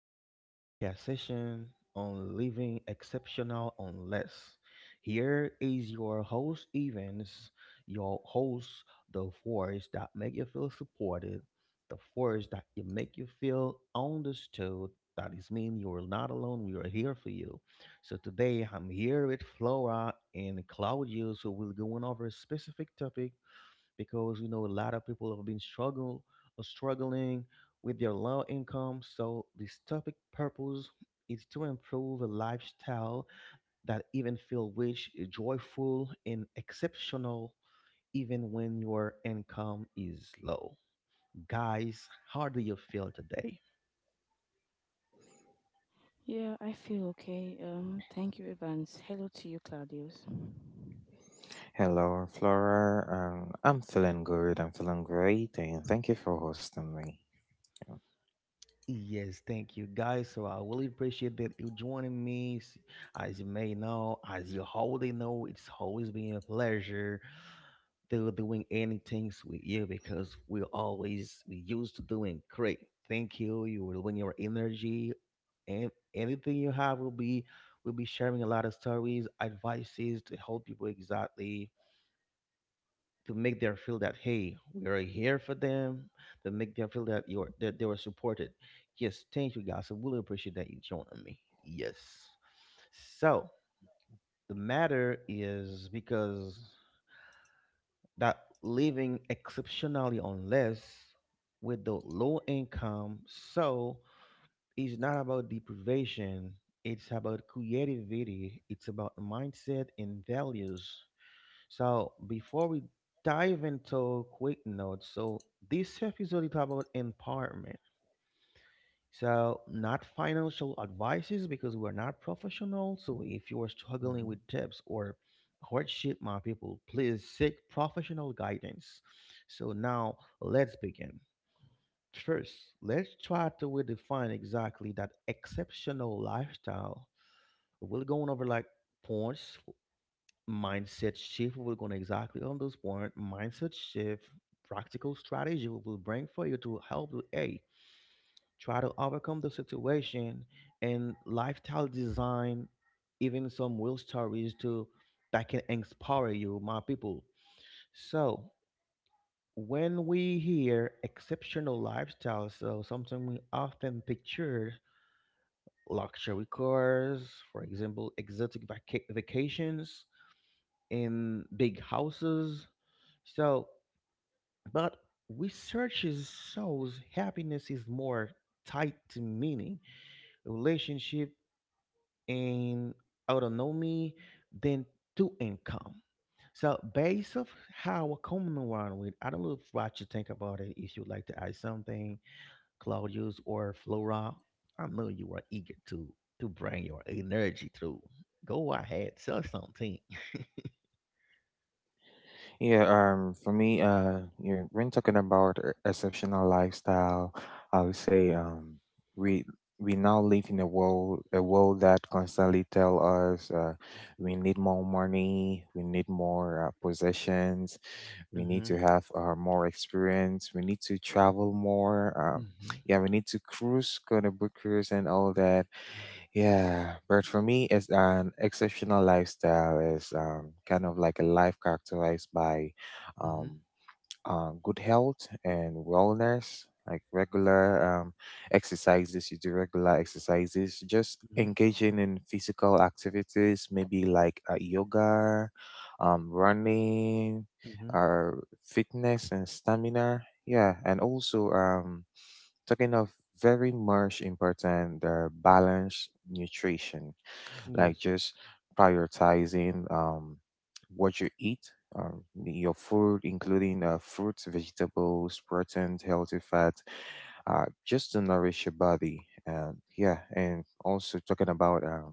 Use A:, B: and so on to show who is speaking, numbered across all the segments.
A: to our podcast session on living exceptional on less. Here is your host Evans, your host, the force that make you feel supported, the force that you make you feel understood. That is mean you are not alone. We are here for you. So today I'm here with Flora and Claudius, who will go on over a specific topic because you know a lot of people have been struggle or struggling with their low income. So this topic purpose is to improve a lifestyle that even feel rich, joyful, and exceptional even when your income is low. Guys, how do you feel today?
B: Yeah, I feel okay. Thank you, Evans. Hello to you, Claudius.
C: Hello, Flora. I'm feeling good. I'm feeling great, and thank you for hosting me. Yeah.
A: Yes, thank you guys. So I really appreciate that you joining me. As you may know, as you already know, it's always been a pleasure they're doing anything with you because we used to doing great. Thank you. You will win your energy and anything you have will be sharing a lot of stories, advices to help people exactly to make them feel that hey, we are here for them, to make them feel that you're that they were supported. Yes, thank you guys. I really appreciate that you joining me. Yes. So the matter is because that living exceptionally unless with the low income, so it's not about deprivation, it's about creativity, it's about mindset and values. So before we dive into quick notes, so this episode is about empowerment. So, not financial advices because we're not professional. So, if you are struggling
C: Mhm.
A: with tips or hardship, my people, please seek professional guidance. So, now let's begin. First, let's try to redefine exactly that exceptional lifestyle. We're going over like points, mindset shift. We're going exactly on those points, mindset shift, practical strategy we will bring for you to help you. A try to overcome the situation and lifestyle design, even some real stories to that can inspire you, my people. So when we hear exceptional lifestyle, so something we often picture luxury cars, for example, exotic vacations in big houses. So but research shows happiness is more tied to meaning, relationship, and autonomy than to income. So based of how a common one with, I don't know what you think about it. If you'd like to add something, Claudius or Flora, I know you are eager to bring your energy through. Go ahead, sell something.
C: Yeah, for me, you've been talking about exceptional lifestyle. I would say, we we now live in a world that constantly tell us, we need more money, we need more possessions, we need
A: Mm-hmm.
C: to have more experience, we need to travel more.
A: Mm-hmm.
C: Yeah, we need to cruise, go to book cruise, and all that. Yeah, but for me, it's an exceptional lifestyle is kind of like a life characterized by
A: Mm-hmm.
C: um, good health and wellness, like regular exercises. You do regular exercises, just
A: Mm-hmm.
C: engaging in physical activities, maybe like yoga, running,
A: Mm-hmm.
C: uh, fitness and stamina. Yeah, and also talking of very much important the balanced nutrition, like
A: Yes.
C: just prioritizing what you eat, your food including fruits, vegetables, protein, healthy fat, just to nourish your body, and yeah, and also talking about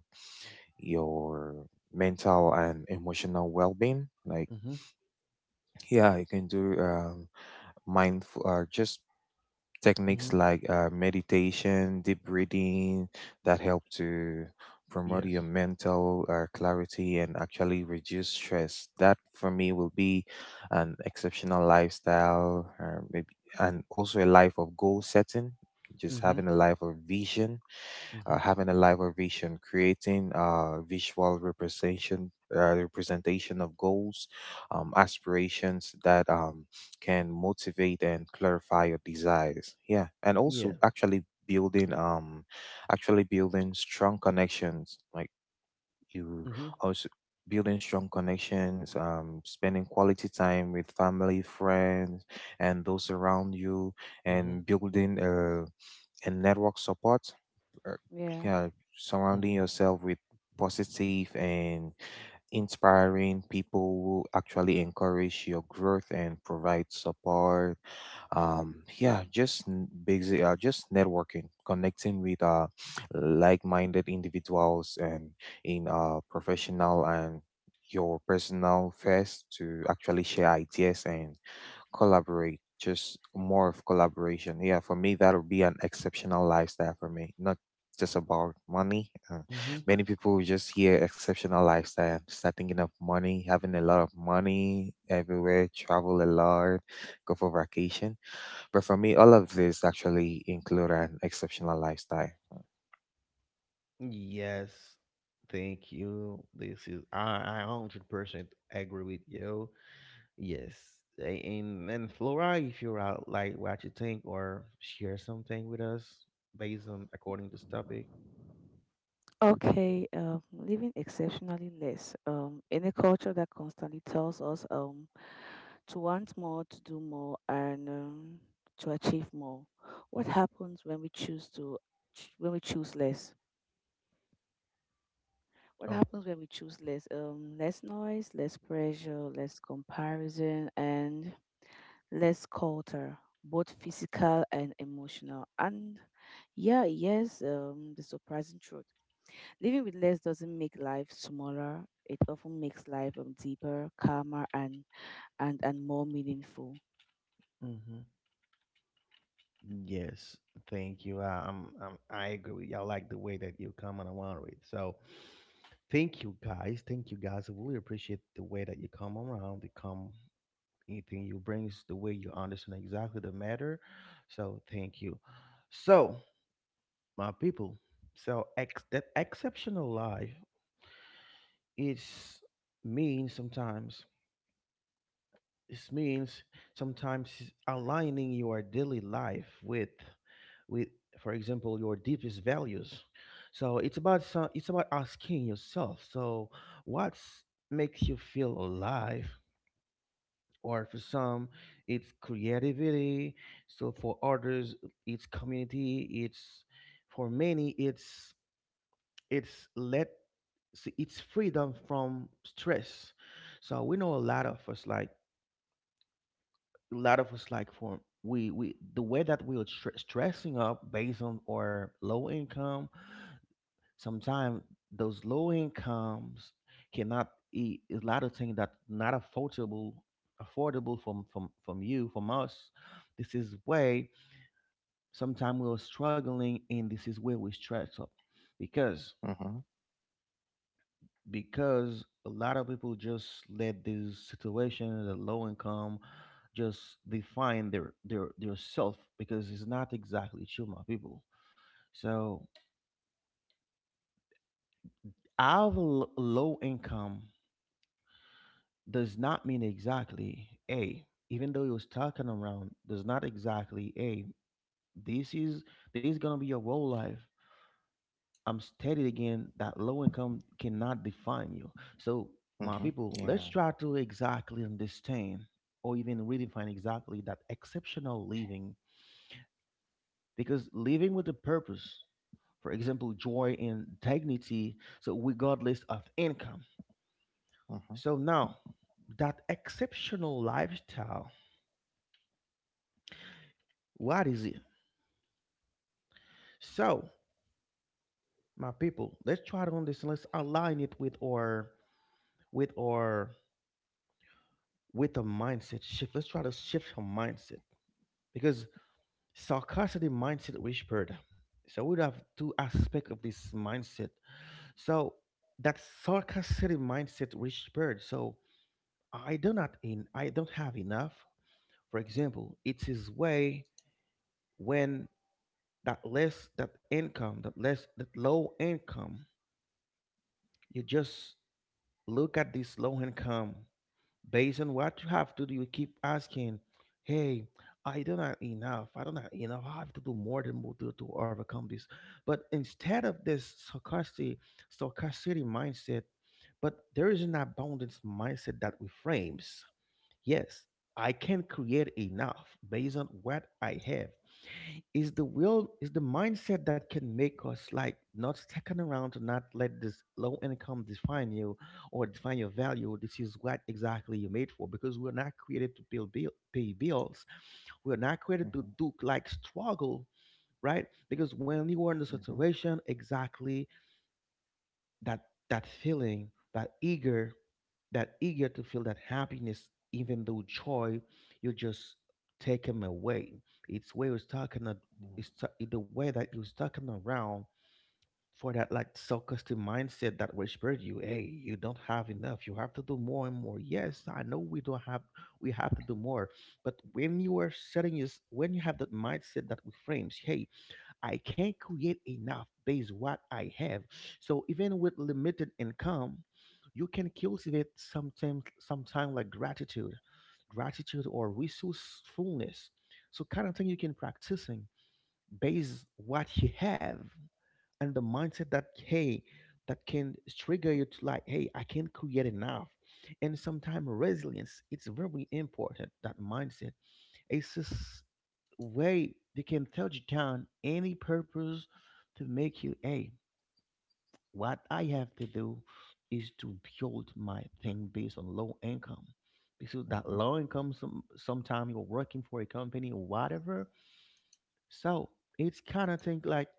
C: your mental and emotional well-being, like
A: Mm-hmm.
C: yeah, you can do mindful just
A: Mm-hmm.
C: techniques like meditation, deep breathing that help to promote your
A: Yes.
C: mental clarity and actually reduce stress. That for me will be an exceptional lifestyle, maybe, and also a life of goal setting, just
A: Mm-hmm.
C: having a life of vision,
A: Mm-hmm.
C: having a live vision, creating visual representation, representation of goals, aspirations that can motivate and clarify your desires. Yeah, and
A: Yeah.
C: also actually building strong connections, like you
A: Mm-hmm.
C: also building strong connections, spending quality time with family, friends, and those around you,
A: Mm-hmm.
C: and building a network support. uh,
B: Yeah.
C: Yeah, surrounding yourself with positive and inspiring people who actually encourage your growth and provide support. Yeah, just basic just networking, connecting with like-minded individuals, and in our professional and your personal first to actually share ideas and collaborate, just more of collaboration. Yeah, for me that'll be an exceptional lifestyle for me, not just about money.
A: Mm-hmm.
C: Many people just hear exceptional lifestyle and start thinking of money, having a lot of money everywhere, travel a lot, go for vacation. But for me, all of this actually include an exceptional lifestyle.
A: Yes, thank you. This is I 100% agree with you. Yes, and Flora, if you're out like what you think or share something with us based on according to this topic.
B: Okay. Living exceptionally less. In a culture that constantly tells us to want more, to do more, and to achieve more. What
A: Hmm.
B: happens when we choose to when we choose less? What
A: Oh.
B: happens when we choose less? Less noise, less pressure, less comparison, and less culture, both physical and emotional. And yeah, yes, the surprising truth. Living with less doesn't make life smaller. It often makes life deeper, calmer, and more meaningful.
A: Hmm. Yes, thank you. I agree with you. I like the way that you comment around it. So, thank you guys. Thank you guys. I really appreciate the way that you come around. You come. Anything you bring is the way you understand exactly the matter. So thank you. So my people, so that exceptional life it's means sometimes, it means sometimes it's aligning your daily life with for example your deepest values. So it's about it's about asking yourself, so what makes you feel alive, or for some it's creativity, so for others it's community, it's for many, it's let see, it's freedom from stress. So we know a lot of us like, for we the way that we are stressing up based on our low income sometimes. Those low incomes cannot eat a lot of things that not affordable, from you from us. This is where sometimes we are struggling, and this is where we stress up because
C: Mm-hmm.
A: a lot of people just let this situation, the low income, just define their self because it's not exactly true, my people. So I have a low income does not mean exactly a, even though he was talking around does not exactly a, this is this is gonna be your whole life. I'm stated again that low income cannot define you. So my
C: Mm-hmm.
A: people, let's
C: Yeah.
A: try to exactly understand or even redefine exactly that exceptional living because living with a purpose, for example joy and dignity, so regardless of income.
C: Mhm.
A: So now that exceptional lifestyle, what is it? So, my people, let's try to on this. Let's align it with our, with our with a mindset shift. Let's try to shift our mindset because sarcastic mindset whispered. So we have two aspects of this mindset. So that sarcastic mindset whispered. So I do not in I don't have enough. For example, it's his way when that less that income, that less that low income, you just look at this low income based on what you have to do, you keep asking, hey, I don't have enough. I don't have enough. I have to do more than we do to overcome this. But instead of this sarcastic mindset, but there is an abundance mindset that reframes. Yes, I can create enough based on what I have. Is the will, is the mindset that can make us like not second around, to not let this low income define you or define your value. This is what exactly you're made for because we're not created to pay bills. We're not created to
C: Mhm.
A: do like struggle, right? Because when you are in the
C: Mhm.
A: situation, exactly that, that feeling, that eager, to feel that happiness even though joy, you just take him away. It's way, it's talking a-
C: Mhm.
A: it's ta- the way that you was talking around for that like self-custom mindset that whispered you, hey, you don't have enough, you have to do more and more. Yes, I know we don't have, we have to do more. But when you are setting is when you have that mindset that reframes, hey, I can't create enough based what I have. So even with limited income, you can cultivate sometimes sometime like gratitude, or resourcefulness. So kind of thing you can practicing based what you have, and the mindset that hey, that can trigger you to like, hey, I can create enough. And sometimes resilience, it's very important that mindset. It's just way they can touch down any purpose to make you, hey, what I have to do is to build my thing based on low income because that
C: Mhm.
A: low income sometime you're working for a company or whatever. So it's kind of think like,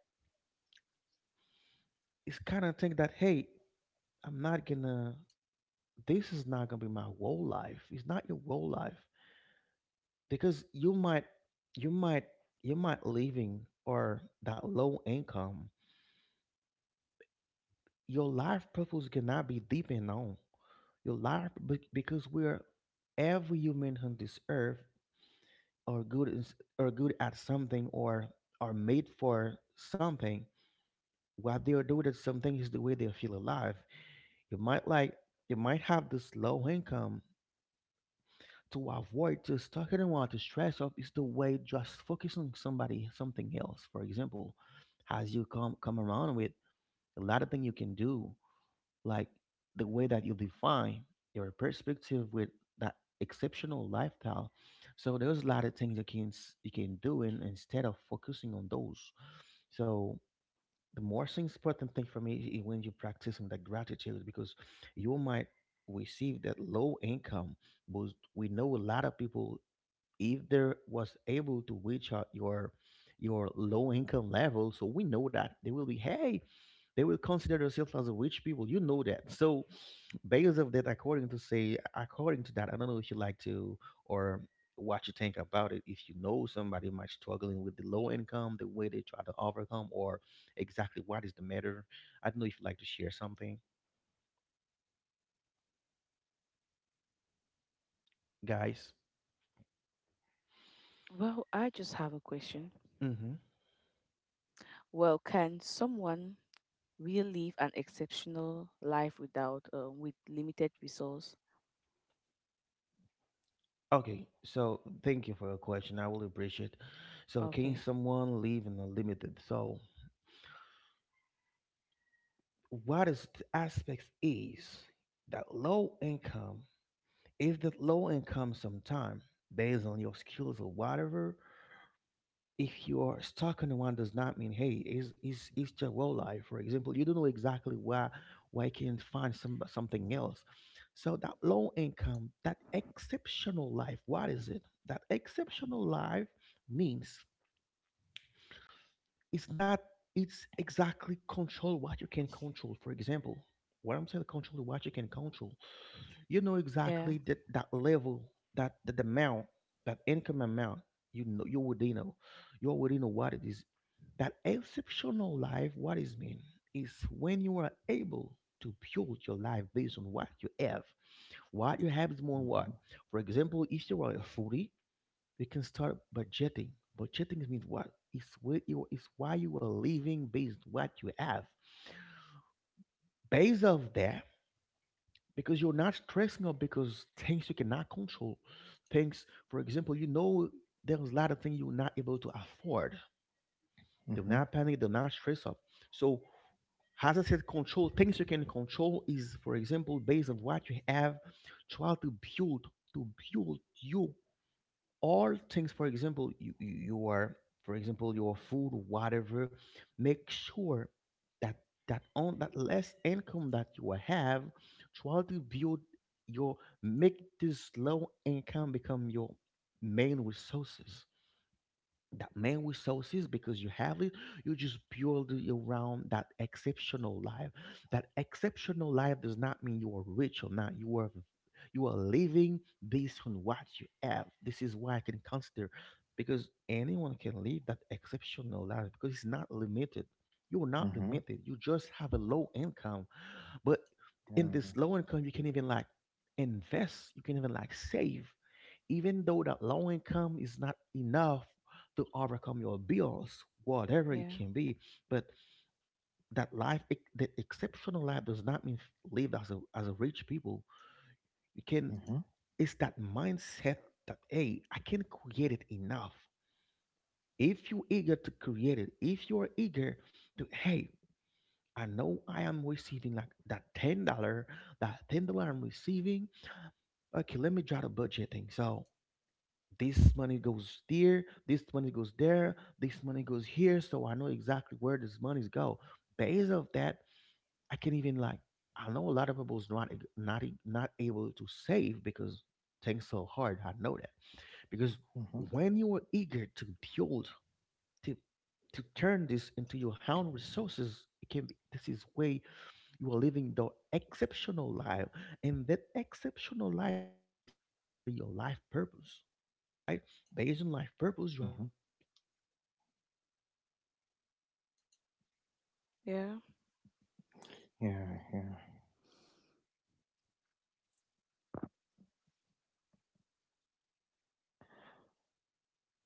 A: it's kind of think that hey, I'm not gonna this is not gonna be my whole life. It's not your whole life because you might you might leaving or that low income, your life purpose cannot be deep and known. Your life, because we're every human on this earth are good, are good at something or are made for something. What they are doing at something is the way they feel alive. You might like, you might have this low income to avoid just talking about the stress of, is the way just focusing on somebody something else. For example, as you come around with a lot of things you can do like the way that you define your perspective with that exceptional lifestyle. So there's a lot of things you can you can do in, instead of focusing on those. So the most important thing for me is when you're practicing that gratitude because you might receive that low income, but we know a lot of people if there was able to reach out your low income level, so we know that they will be, hey, they will consider themselves as a rich people. You know that. So based of that, according to say according to that, I don't know if you like to, or what you think about it. If you know somebody might struggling with the low income, the way they try to overcome, or exactly what is the matter. I don't know if you like to share something, guys.
B: Well, I just have a question.
A: Mm-hmm.
B: Well, can someone really live an exceptional life without, with limited resource?
A: Okay, so thank you for your question. I will appreciate. So can
B: Okay.
A: someone live in a limited, so what is the aspects is that low income. If the low income sometime based on your skills or whatever, if you are stuck on one does not mean, hey, is your well life. For example, you don't know exactly where you can find something else. So that low income, that exceptional life, what is it? That exceptional life means it's not. It's exactly control what you can control. For example, what I'm saying, control what you can control. You know
B: Yeah.
A: exactly that level, that amount, that income amount. You know, you already know. You already know what it is. That exceptional life, what is mean is when you are able to build your life based on what you have. What you have is more what. For example, if you are a foodie, you can start budgeting. Budgeting means what? It's where you it's why you are living based on what you have, based off that. Because you're not stressing up because things you cannot control, things, for example, there's a lot of things you're not able to afford. Do
C: Mhm.
A: not panic, do not stress up. So as I said, control things you can control is for example based on what you have. Try to to build you all things. For example, you are, for example, your food, whatever. Make sure that on that less income that you have, try to build your make this low income become your main resources. That man with sauces because you have it. You just build around that exceptional life. That exceptional life does not mean you are rich or not. You are living based on what you have. This is why I can consider because anyone can live that exceptional life because it's not limited. You're not
C: Mhm. Mhm.
A: limited, you just have a low income. But in
C: Yeah.
A: this low income, you can even like invest. You can even like save, even though that low income is not enough to overcome your bills, whatever it
B: Yeah.
A: can be. But that life, that exceptional life, does not mean live as a rich people. You can.
C: Mhm.
A: It's that mindset that, hey, I can create it enough. If you're eager to create it, if you are eager to, hey, I know I am receiving like that $10, that $10 I'm receiving. Okay, let me draw the budgeting. So this money goes there, this money goes there, this money goes here. So I know exactly where this money's go. Based of that, I can even like, I know a lot of people's not e, not e- not able to save because things so hard. I know that because
C: Hmm.
A: when you are eager to build to turn this into your own resources, it can be this is way you are living the exceptional life, and that exceptional life is based on exactly your life purpose, right? Based on life purpose, you have
C: Hmm.
A: a purpose. You try. It's kind of thing you are struggling to achieve your
B: Yeah.
A: goal. I mean, achievable
C: Yeah,
A: goal, not
C: yeah.
A: exactly what you think you can do, what you can do, what you can control. So, based on what you said, Flora, that exceptional life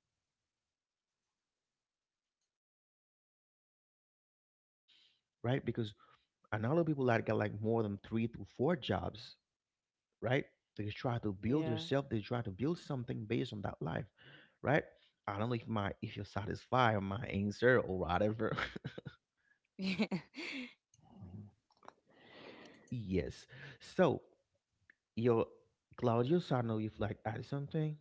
A: sometimes is built on what you have. It's not exactly you limit yourself, right? Because and a lot of people that got like more than three to four jobs, right? They try to build
B: Yeah.
A: yourself. They try to build something based on that life, right? I don't know if my, if you satisfy my answer or whatever. Yes. So your, Claudius, I know you've like added something.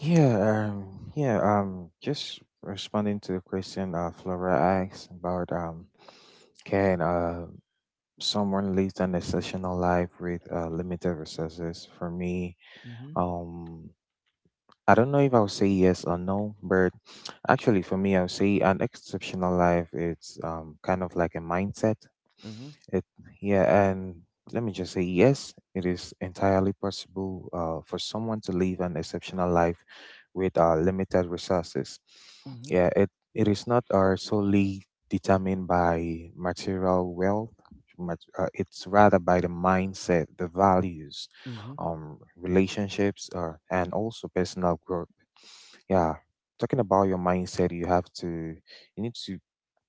C: Yeah, yeah, just responding to the question, Flora asked about, can someone lead an exceptional life with limited resources? For me,
A: Mm-hmm.
C: um, I don't know if I'll say yes or no, but actually for me, I'll say an exceptional life. It's kind of like a mindset.
A: Mm-hmm.
C: It Yeah, and let me just say yes, it is entirely possible for someone to live an exceptional life with limited resources.
A: Mm-hmm.
C: Yeah, it is not solely determined by material wealth. It's rather by the mindset, the values,
A: Mm-hmm.
C: relationships, and also personal growth. Yeah, talking about your mindset, you need to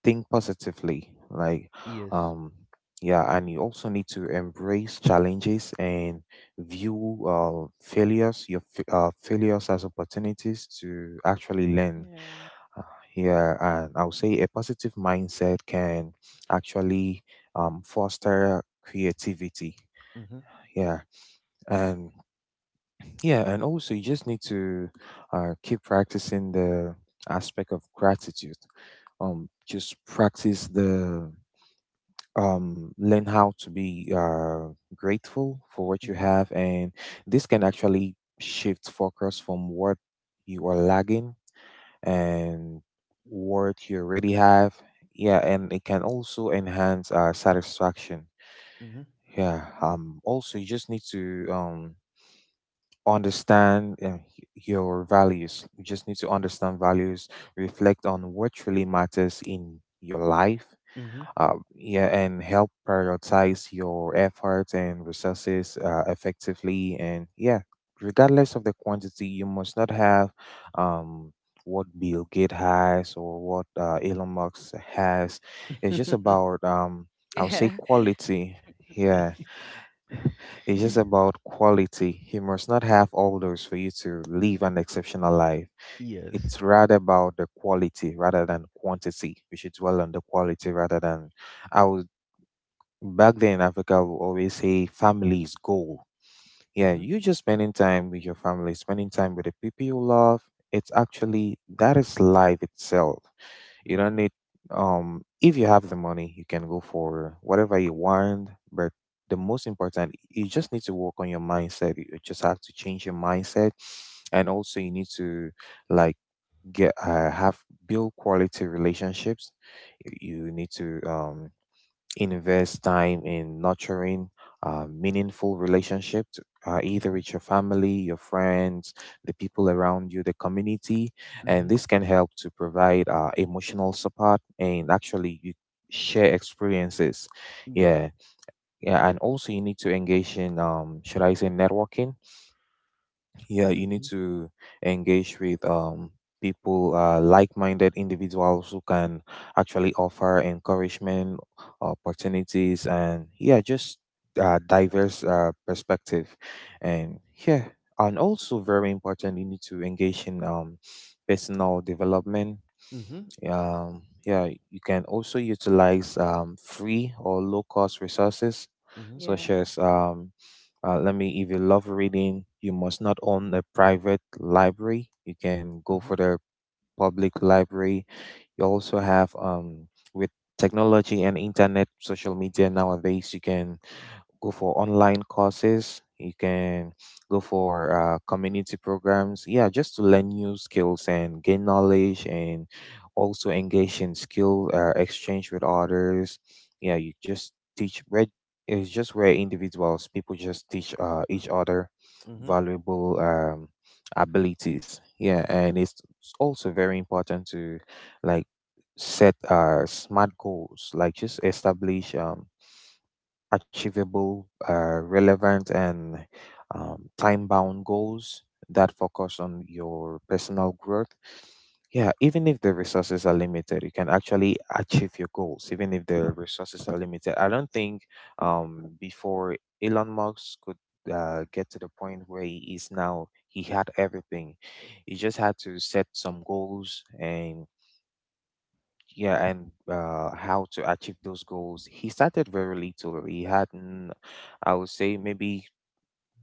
C: think positively, like
A: Yes.
C: um yeah, and you also need to embrace challenges and view failures, failures as opportunities to actually learn.
B: yeah.
C: uh, yeah, and I will say a positive mindset can actually foster creativity.
A: Mm-hmm.
C: Yeah, and yeah, and also you just need to keep practicing the aspect of gratitude. Just practice the learn how to be grateful for what you
A: Mm-hmm.
C: have, and this can actually shift focus from what you are lagging and what you already have. Yeah, and it can also enhance satisfaction. Yeah. Also, you just need to um understand your values. You just need to understand values, reflect on what really matters in your life.
A: Mm-hmm.
C: Yeah, and help prioritize your efforts and resources effectively. And yeah, regardless of the quantity, you must not have um, what Bill Gates has or what Elon Musk has. It's just
A: Mm-hmm.
C: about, I would say,
B: Yeah. Yeah.
C: quality. Yeah, it's just about quality. You must not have all those for you to live an exceptional life.
A: Yes.
C: It's rather about the quality rather than quantity. We should dwell on the quality rather than... I would Back then in Africa, I would always say family is goal. Yeah,
A: Mm-hmm.
C: you just spending time with your family, spending time with the people you love. It's actually that is life itself. You
A: Mm-hmm.
C: don't need If you have the money, you can go for whatever you want, but the most important, you just need to work on your mindset. You just have to change your mindset, and also you need to like get have build quality relationships. You need to invest time in nurturing meaningful relationships, either
A: Mm-hmm.
C: with your family, your friends, the people around you, the community, and
A: Mm-hmm.
C: this can help to provide emotional support, and actually you share experiences.
A: Yeah.
C: Yeah, yeah, and also you need to engage in, should I say, networking? Yeah, you need
A: Mm-hmm.
C: to engage with people, like-minded individuals who can actually offer encouragement, opportunities, and yeah, just diverse perspective. And yeah, and also very important, you need to engage in personal development.
A: Mm-hmm. Mm-hmm.
C: Yeah, you can also utilize free or low cost resources, such
B: Yeah,
C: as if you love reading, you must not own a private library. You can go
A: Mm-hmm.
C: for the public library. You also have With technology and internet, social media nowadays, you can go for online courses. You can go for community programs. Yeah, just to learn new skills and gain knowledge, and also engage in skill exchange with others. Yeah, you just teach. Where It's just where individuals, people just teach each other
A: Mm-hmm.
C: valuable abilities. Yeah, and it's also very important to, like, set smart goals, like just establish achievable, relevant, and time bound goals that focus on your personal growth. Yeah, even if the resources are limited, you can actually achieve your goals, even if the resources are limited. I don't think, before Elon Musk could get to the point where he is now, he had everything. He just had to set some goals, and yeah, and how to achieve those goals. He started very little. He hadn't... I would say maybe,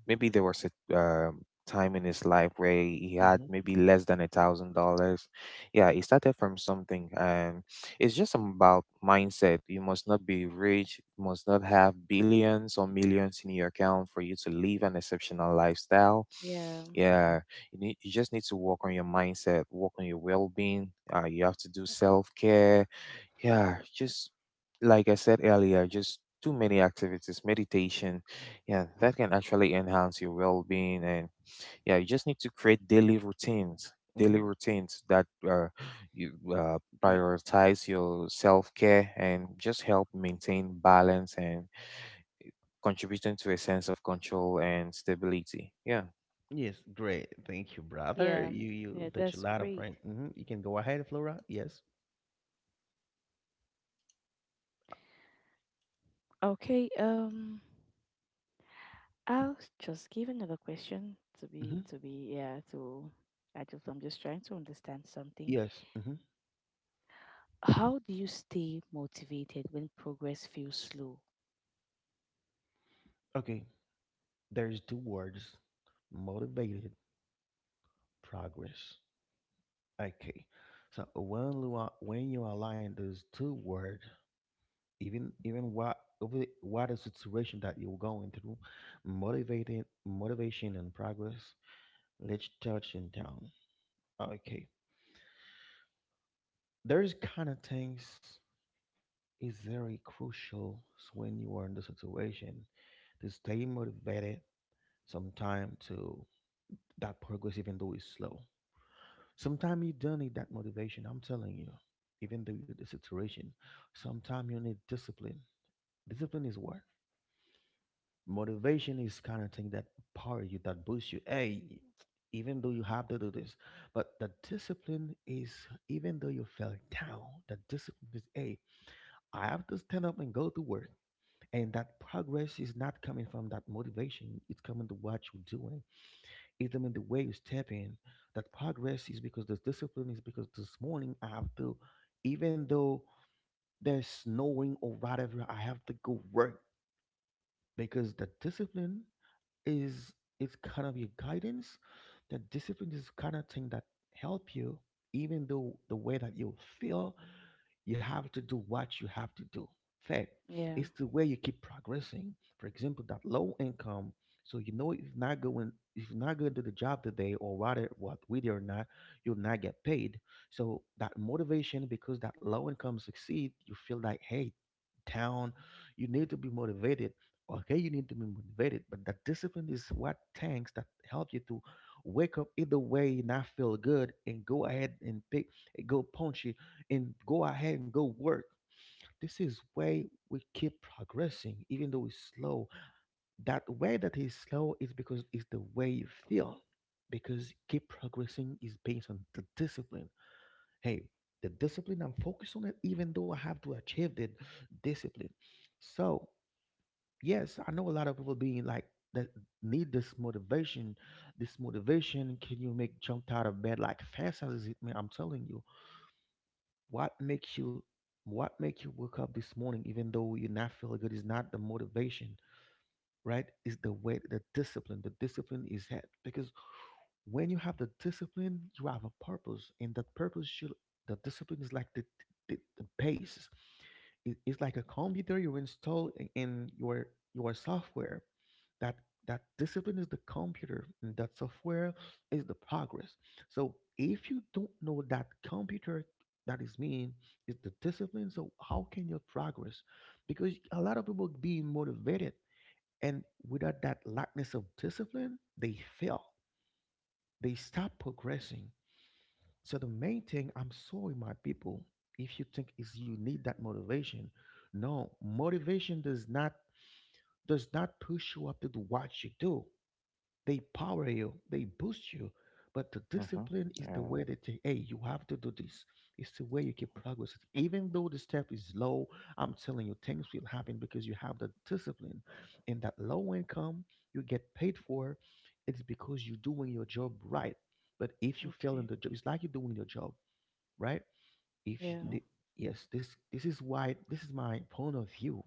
C: there was a time in his life where he had
A: Mm-hmm,
C: maybe less than $1,000. Yeah, he started from something, and it's just about mindset. You must not be rich, you must not have billions or millions in your account for you to live an exceptional lifestyle.
B: yeah,
A: mm-hmm,
C: Yeah, you just need to work on your mindset, work on your well-being. You have to do self-care. Yeah, just like I said earlier, just too many activities, meditation, yeah, that can actually enhance your well being. And yeah, you just need to create
A: mm-hmm.
C: daily routines that you
A: Yeah.
C: prioritize your self care and just help maintain balance and contributing to a sense of control and stability. Yeah.
A: Yes, great. Thank you, brother.
B: yeah,
A: You,
B: yeah,
A: touch a
B: that's
A: lot of
B: great.
A: brain. Hmm. You can go ahead, Flora. Yes.
B: Okay, I'll just give another question
A: Mm-hmm.
B: yeah, I just, I'm just trying to understand something.
A: Yes. Mm-hmm.
B: How do you stay motivated when progress feels slow?
A: Okay. There's two words: motivated, progress. Okay. So when you are, when you align those two words, even even what over what is the situation that you're going through, motivated motivation and progress. Let's touch in down. Okay. There's kind of things. Is very crucial when you are in the situation to stay motivated sometime to that progress even though it's slow. Sometimes you don't need that motivation, I'm telling you, even though you're the situation. Sometimes you need discipline. Discipline is what? Motivation is kind of thing that power you, that boosts you. Hey, even though you have to do this, but the discipline is, even though you fell down, the discipline is, hey, I have to stand up and go to work. And that progress is not coming from that motivation. It's coming to what you're doing. It's coming the way you step in. That progress is because this discipline is because this morning I have to, even though there's snowing or whatever, I have to go work because the discipline is, it's kind of your guidance. That discipline is kind of thing that help you, even though the way that you feel, you have to do what you have to do. Third,
B: Yeah,
A: it's the way you keep progressing. For example, that low income, so you know if not going, if you're not going to the job today or rather what with it or not, you'll not get paid. So that motivation because that low income succeed, you feel like, hey, town, you need to be motivated. Okay, you need to be motivated, but that discipline is what tanks that help you to wake up either way, not feel good, and go ahead and pick, go punch it, and go ahead and go work. This is way we keep progressing, even though it's slow. That way that is slow is because it's the way you feel, because keep progressing is based on the discipline. Hey, the discipline I'm focused on it, even though I have to achieve the discipline. So yes, I know a lot of people being like that need this motivation. This motivation can you make jump out of bed like fast as it may, I'm telling you. What makes you, what make you wake up this morning even though you're not feeling good is not the motivation, right? Is the way the discipline. The discipline is that because when you have the discipline, you have a purpose and that purpose should, the discipline is like the pace. It, it's like a computer you install in your software, that that discipline is the computer and that software is the progress. So if you don't know that computer, that is mean is the discipline, so how can you progress? Because a lot of people being motivated and without that lackness of discipline they fail, they stop progressing. So the main thing, I'm sorry, my people, if you think is you need that motivation, no, motivation does not, does not push you up to do what you do. They power you, they boost you, but the
C: Mm-hmm.
A: discipline is the
C: Yeah.
A: way they take. Hey, you have to do this. It's the way you keep progressing, even though the step is low. I'm telling you, things will happen because you have the discipline. And that low income you get paid for, it's because you're doing your job right. But if you fail in
B: okay,
A: the job, it's like you're doing your job right? If
B: yeah.
C: Mm-hmm.
A: the- yes, this is why this is my point of view,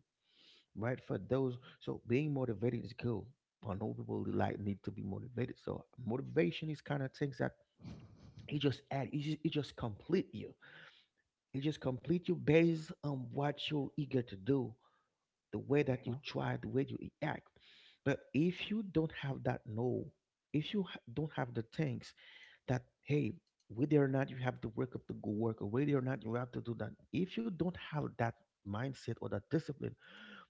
A: right? For those, so being motivated is cool. I know people like need to be motivated. So motivation is kind of things that it just add, it just complete you. It just complete you based on what you're eager to do, the way that
C: Mm-hmm.
A: you try, the way you act. But if you don't have that no, if you don't have the things that, hey, whether or not you have to work up to go work or whether or not you have to do that, if you don't have that mindset or that discipline,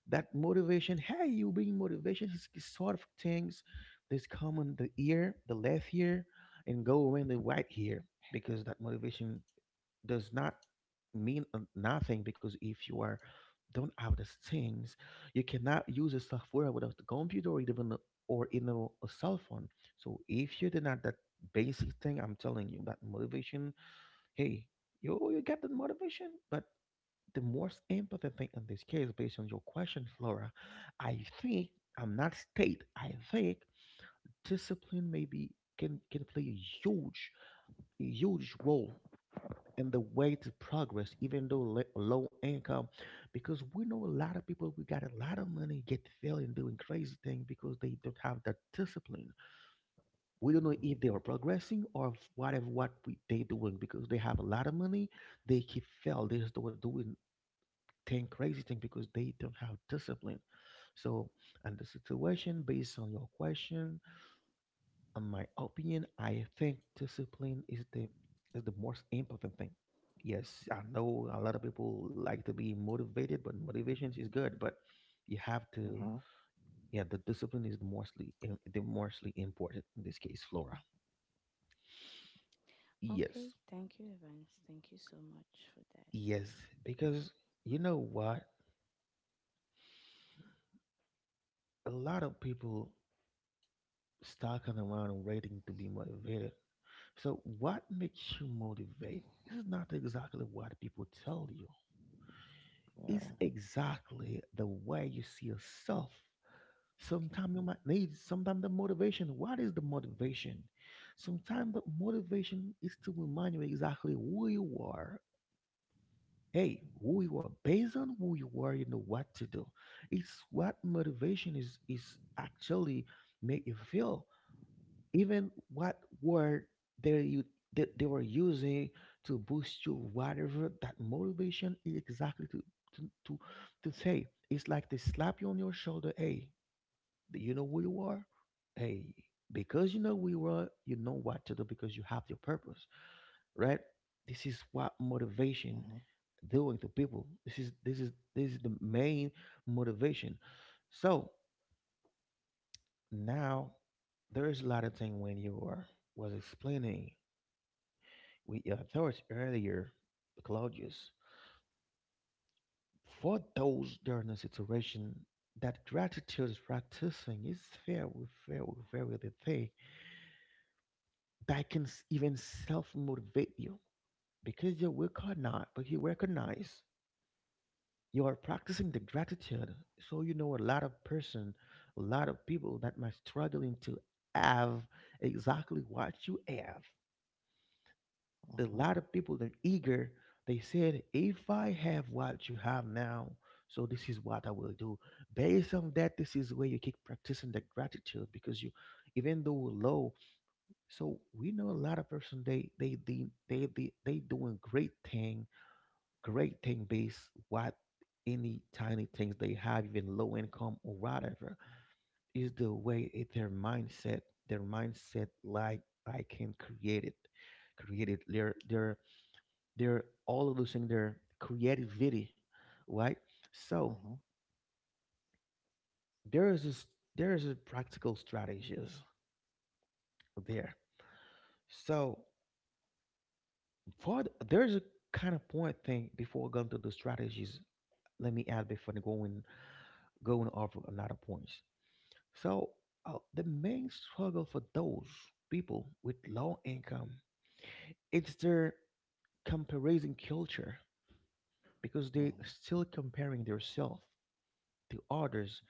A: that motivation, hey, you being motivation is sort of things, this come on the ear the left ear and go around the right ear, because that motivation does not mean nothing, because if you are don't have these things, you cannot use the software without the computer or even or in a cell phone. So if you did not that basic thing, I'm telling you that motivation. Hey, you get the motivation, but the most important thing in this case, based on your question, Flora, I think I'm not state. I think discipline maybe can play a huge, huge role and the way to progress, even though low income, because we know a lot of people we got a lot of money get failing doing crazy things because they don't have that discipline. We don't know if they are progressing or if whatever what we, they doing because they have a lot of money, they keep fail. They just were doing thing crazy thing because they don't have discipline. So, and the situation based on your question, in my opinion, I think discipline is the, is the most important thing. Yes, I know a lot of people like to be motivated, but motivation is good, but you have
C: Mm-hmm.
A: to, yeah, the discipline is the mostly the mostly important in this case, Flora.
B: Okay,
A: Yes.
B: thank you, Evans. Thank you so much for that.
A: Yes, because you know what? A lot of people stalking around and waiting to be motivated. So what makes you motivate? This is not exactly what people tell you. It's
C: Yeah.
A: exactly the way you see yourself.
B: Okay.
A: Sometimes you might need, sometimes the motivation. What is the motivation? Sometimes the motivation is to remind you exactly who you are. Hey, who you are based on who you are, you know what to do. It's what motivation is actually make you feel even what word they you they were using to boost you, whatever that motivation is exactly to to, to say. It's like they slap you on your shoulder. Hey, do you know who you are? Hey, because you know who you are, you know what to do because you have your purpose, right? This is what motivation
C: Mm-hmm.
A: doing to people. This is the main motivation. So now there is a lot of thing when you are was explaining we addressed earlier, Claudius. For those during a situation that gratitude is practicing is very, very, very the thing that can even self motivate you because you will not, but you recognize you are practicing the gratitude. So you know a lot of person, a lot of people that might struggling to have exactly what you have. A
C: Mm-hmm.
A: lot of people they're eager, they said if I have what you have now, so this is what I will do. Based on that, this is where you keep practicing the gratitude because you even though we're low. So we know a lot of person, they doing great thing, great thing based what any tiny things they have, even low income or whatever, is the way it, their mindset, their mindset like I can create it, create it. Their they're all losing their creativity, right? So
C: Mm-hmm.
A: there is this, there is a practical strategies there. So there's a kind of point thing before going to the strategies. Let me add before the going, going over another points. So the main struggle for those people with low income, it's their comparison culture because they're
C: Mm-hmm.
A: still comparing themselves to others.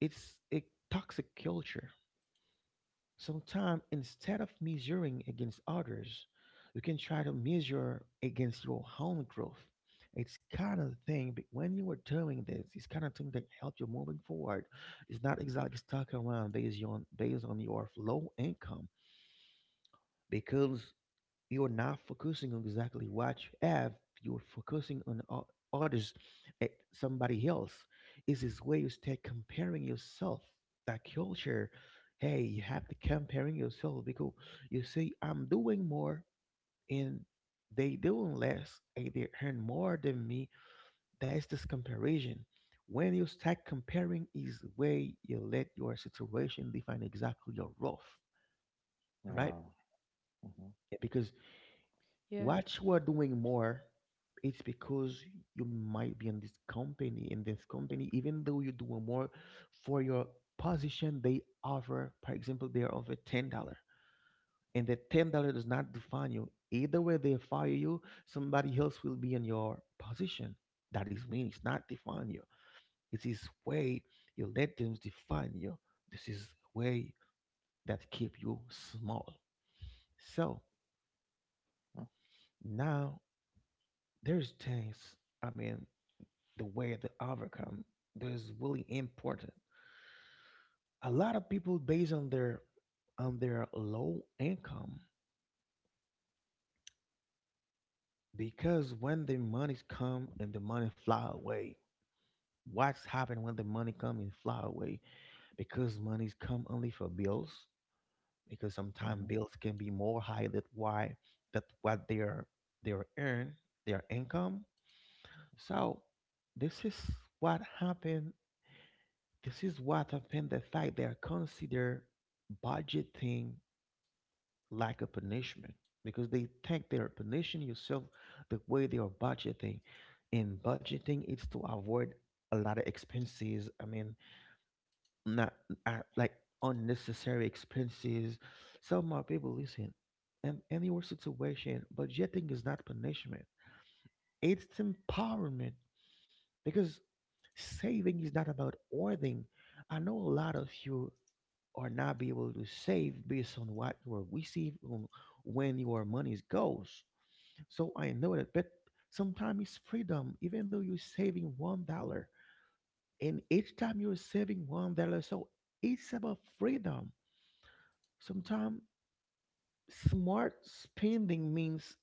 A: It's a toxic culture. Sometimes instead of measuring against others, you can try to measure against your own growth. It's kind of thing, but when you were doing this, it's kind of thing that help you moving forward. It's not exactly stuck around based on based on your low income because you're not focusing on exactly what you have, you're focusing on others, eh, somebody else. Is this way you stay comparing yourself, that culture. Hey, you have to comparing yourself because you say I'm doing more and they doing less and they earn more than me. That's this comparison. When you start comparing is the way you let your situation define exactly your worth, right?
C: Yeah. Mm-hmm.
A: Yeah, because
B: Yeah,
A: what you are doing more, it's because you might be in this company. In this company, even though you're doing more for your position, they offer, for example, they are offer $10, and the $10 does not define you. Either way, they fire you. Somebody else will be in your position. That is mean it's not define you. It is way you let them define you. This is way that keep you small. So now there's things. I mean, the way to overcome that is really important. A lot of people based on their low income because when the money come and the money fly away, what's happening when the money come and fly away? Because money's come only for bills because sometimes
C: Mhm,
A: bills can be more high than why that what they're earn their income.
C: mhm,
A: So this is what happened. This is what often the fact they are consider budgeting like a punishment because they think they are punishing yourself the way they are budgeting. And budgeting is to avoid a lot of expenses. I mean, not like unnecessary expenses. Some more people listen. In any worse situation, budgeting is not punishment. It's empowerment because saving is not about hoarding. I know a lot of you or not be able to save based on what you receive on when your money goes. So I know that, but sometimes it's freedom, even though you're saving $1, and each time you're saving $1, so it's about freedom. Sometimes smart spending means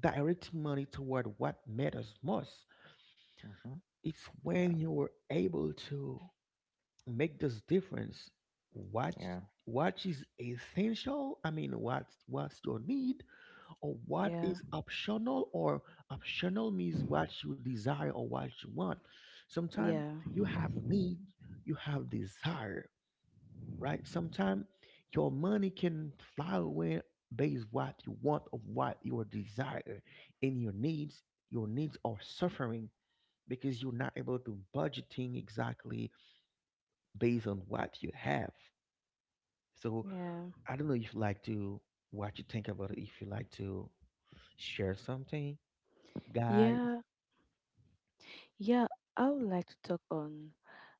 A: directing money toward what matters most.
C: mhm.
A: It's when you were able to make this difference. What
C: Yeah,
A: what is essential? I mean, what's your need, or what
B: yeah,
A: is optional, or optional means what you desire or what you want. Sometimes
B: yeah,
A: you have need, you have desire, right? Sometimes your money can fly away based what you want of what your desire, and your needs, your needs are suffering because you're not able to budgeting exactly based on what you have. So
B: yeah,
A: I don't know if you like to, what you think about it, if you like to share something, guys.
B: yeah. Yeah, I would like to talk on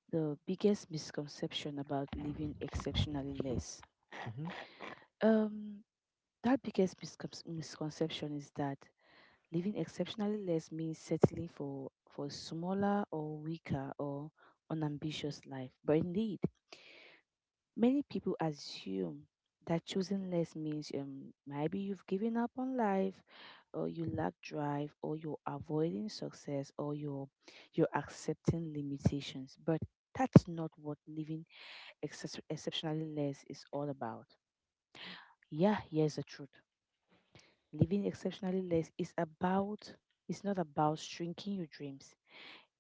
B: the biggest misconception about living exceptionally less.
A: Mhm,
B: Um, that biggest misconception is that living exceptionally less means settling for a smaller or weaker or unambitious life. But indeed, many people assume that choosing less means maybe you've given up on life, or you lack drive, or you're avoiding success, or you're accepting limitations. But that's not what living excess exceptionally less is all about. Yeah, here's the truth. Living exceptionally less is about it's not about shrinking your dreams.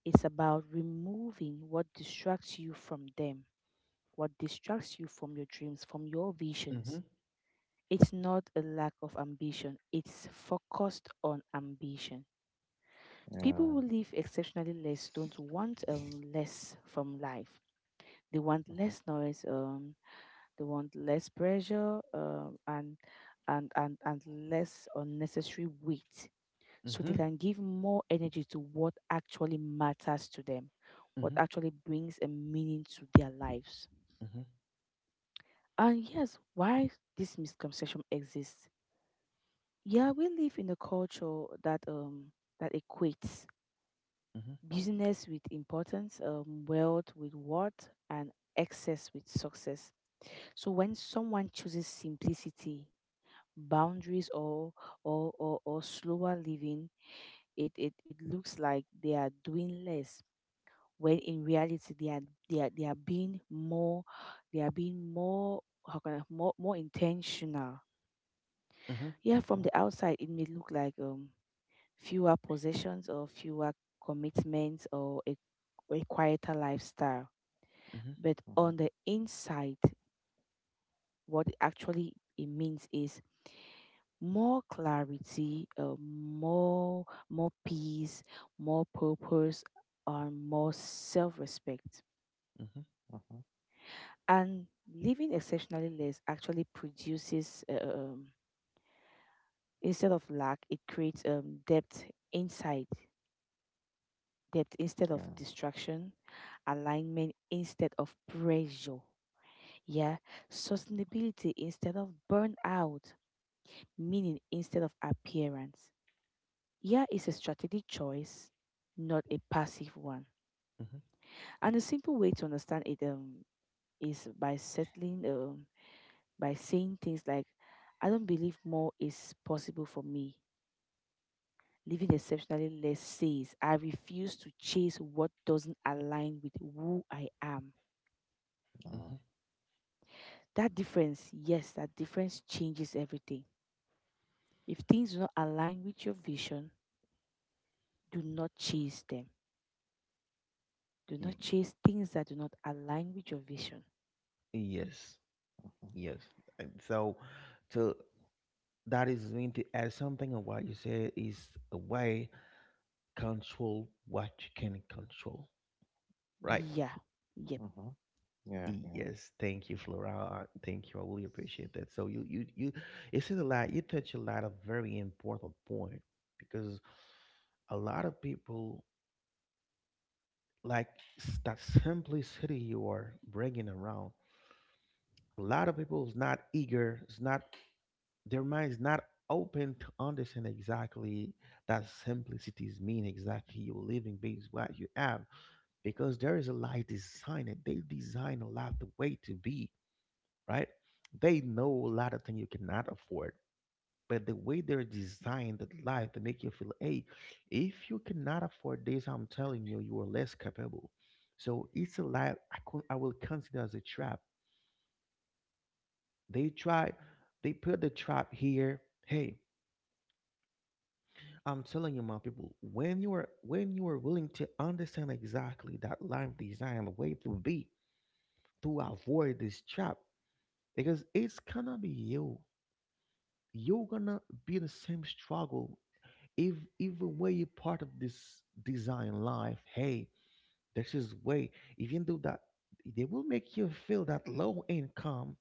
B: It's about removing what distracts you from them, what distracts you from your dreams, from your visions.
A: mhm,
B: It's not a lack of ambition, it's focused on ambition. People
C: yeah.
B: who live exceptionally less don't want less from life. They want
C: Mhm,
B: less noise, they want less pressure, and less unnecessary weight. So they
A: mhm,
B: can give more energy to what actually matters to them, what
A: mhm,
B: actually brings a meaning to their lives.
A: mhm,
B: And yes, why this misconception exists? Yeah, we live in a culture that that equates
A: mhm,
B: business with importance, wealth with worth, and excess with success. So when someone chooses simplicity, boundaries, or or slower living, it looks like they are doing less. When in reality, they are being more, they are being more, how can I, more intentional.
A: mhm,
B: Yeah, from
C: mhm,
B: the outside, it may look like fewer possessions or fewer commitments or a quieter lifestyle.
A: mhm,
B: But
C: mhm,
B: on the inside, what actually it means is more clarity, more peace, more purpose, and more self-respect.
A: mhm,
B: And living exceptionally less actually produces instead of lack, it creates depth inside, depth instead of
C: mhm.
B: distraction, alignment instead of pressure. Yeah, sustainability instead of burnout, meaning instead of appearance. Yeah, it's a strategic choice, not a passive one.
A: mhm,
B: And a simple way to understand it, is by settling, by saying things like, I don't believe more is possible for me. Living exceptionally less says, I refuse to chase what doesn't align with who I am.
C: Yeah,
A: mhm.
B: That difference, yes, that difference changes everything. If things do not align with your vision, do not chase them. Do
A: Y-
B: not chase things that do not align with your vision.
A: Yes,
C: mhm,
A: yes. And so, to that is mean to add something of what you said is a way control what you can control, right?
B: Yeah. Yep.
C: mhm. Yeah, yeah.
A: Yes, thank you, Flora. Thank you. I really appreciate that. So you said a lot. You touched a lot of very important point because a lot of people like that simplicity you are bringing around. A lot of people is not eager, is not their mind is not open to understand exactly that simplicities mean exactly you living based what you have because there is a life design and they design a lot the way to be, right. They know a lot of things you cannot afford, but the way they're designed that life to make you feel, hey, if you cannot afford this, I'm telling you, you are less capable. So it's a life I will consider as a trap. They try, they put the trap here. Hey, I'm telling you, my people, when you are, when you are willing to understand exactly that life design the way to be, to avoid this trap because it's gonna be you, you're gonna be the same struggle if even way you're part of this design life. Hey, this is way even though that they will make you feel that low income,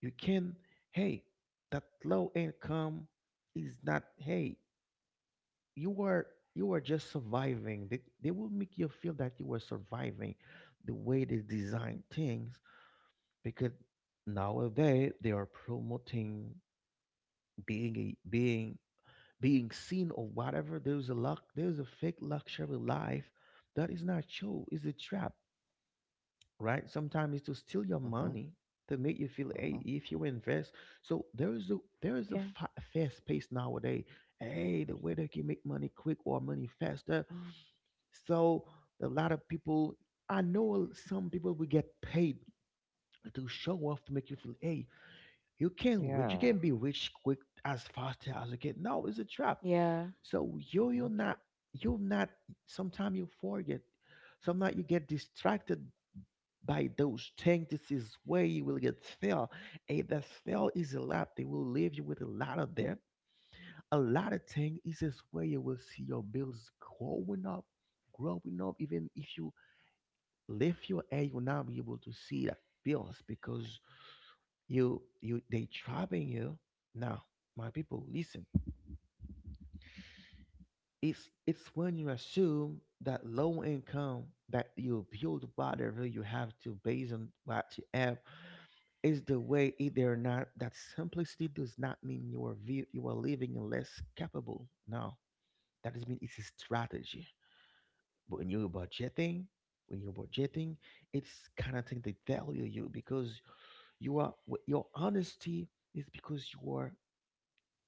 A: you can, hey, that low income is not, hey, you are, you are just surviving. They will make you feel that you are surviving the way they design things because nowadays they are promoting being a being, being seen or whatever. There's a luck, there's a fake luxury life that is not true. It's a trap, right? Sometimes it's to steal your
C: Mhm,
A: money, to make you feel, hey,
C: mhm.
A: if you invest. So there is a, there is a
B: Yeah.
A: fast pace nowadays. Hey, the way they can make money quick or money faster. So a lot of people, I know some people will get paid to show off to make you feel, hey, you can rich, you
C: Yeah.
A: can be rich quick as fast as you can. No, it's a trap.
B: Yeah.
A: So you you're
C: Mhm,
A: not, you're not sometimes you forget. Sometimes you get distracted by those things. This is where you will get fail. And that fail is a lot. They will leave you with a lot of debt. A lot of things is just where you will see your bills growing up, growing up. Even if you lift your head, you will not be able to see that bills because you they trapping you. Now, my people, listen. It's when you assume that low income that you build whatever you have to based on what you have is the way either or not that simplicity does not mean you are you are living less capable. No. That doesn't mean it's a strategy. But when you're budgeting, it's kind of thing they value you because you are with your honesty is because you are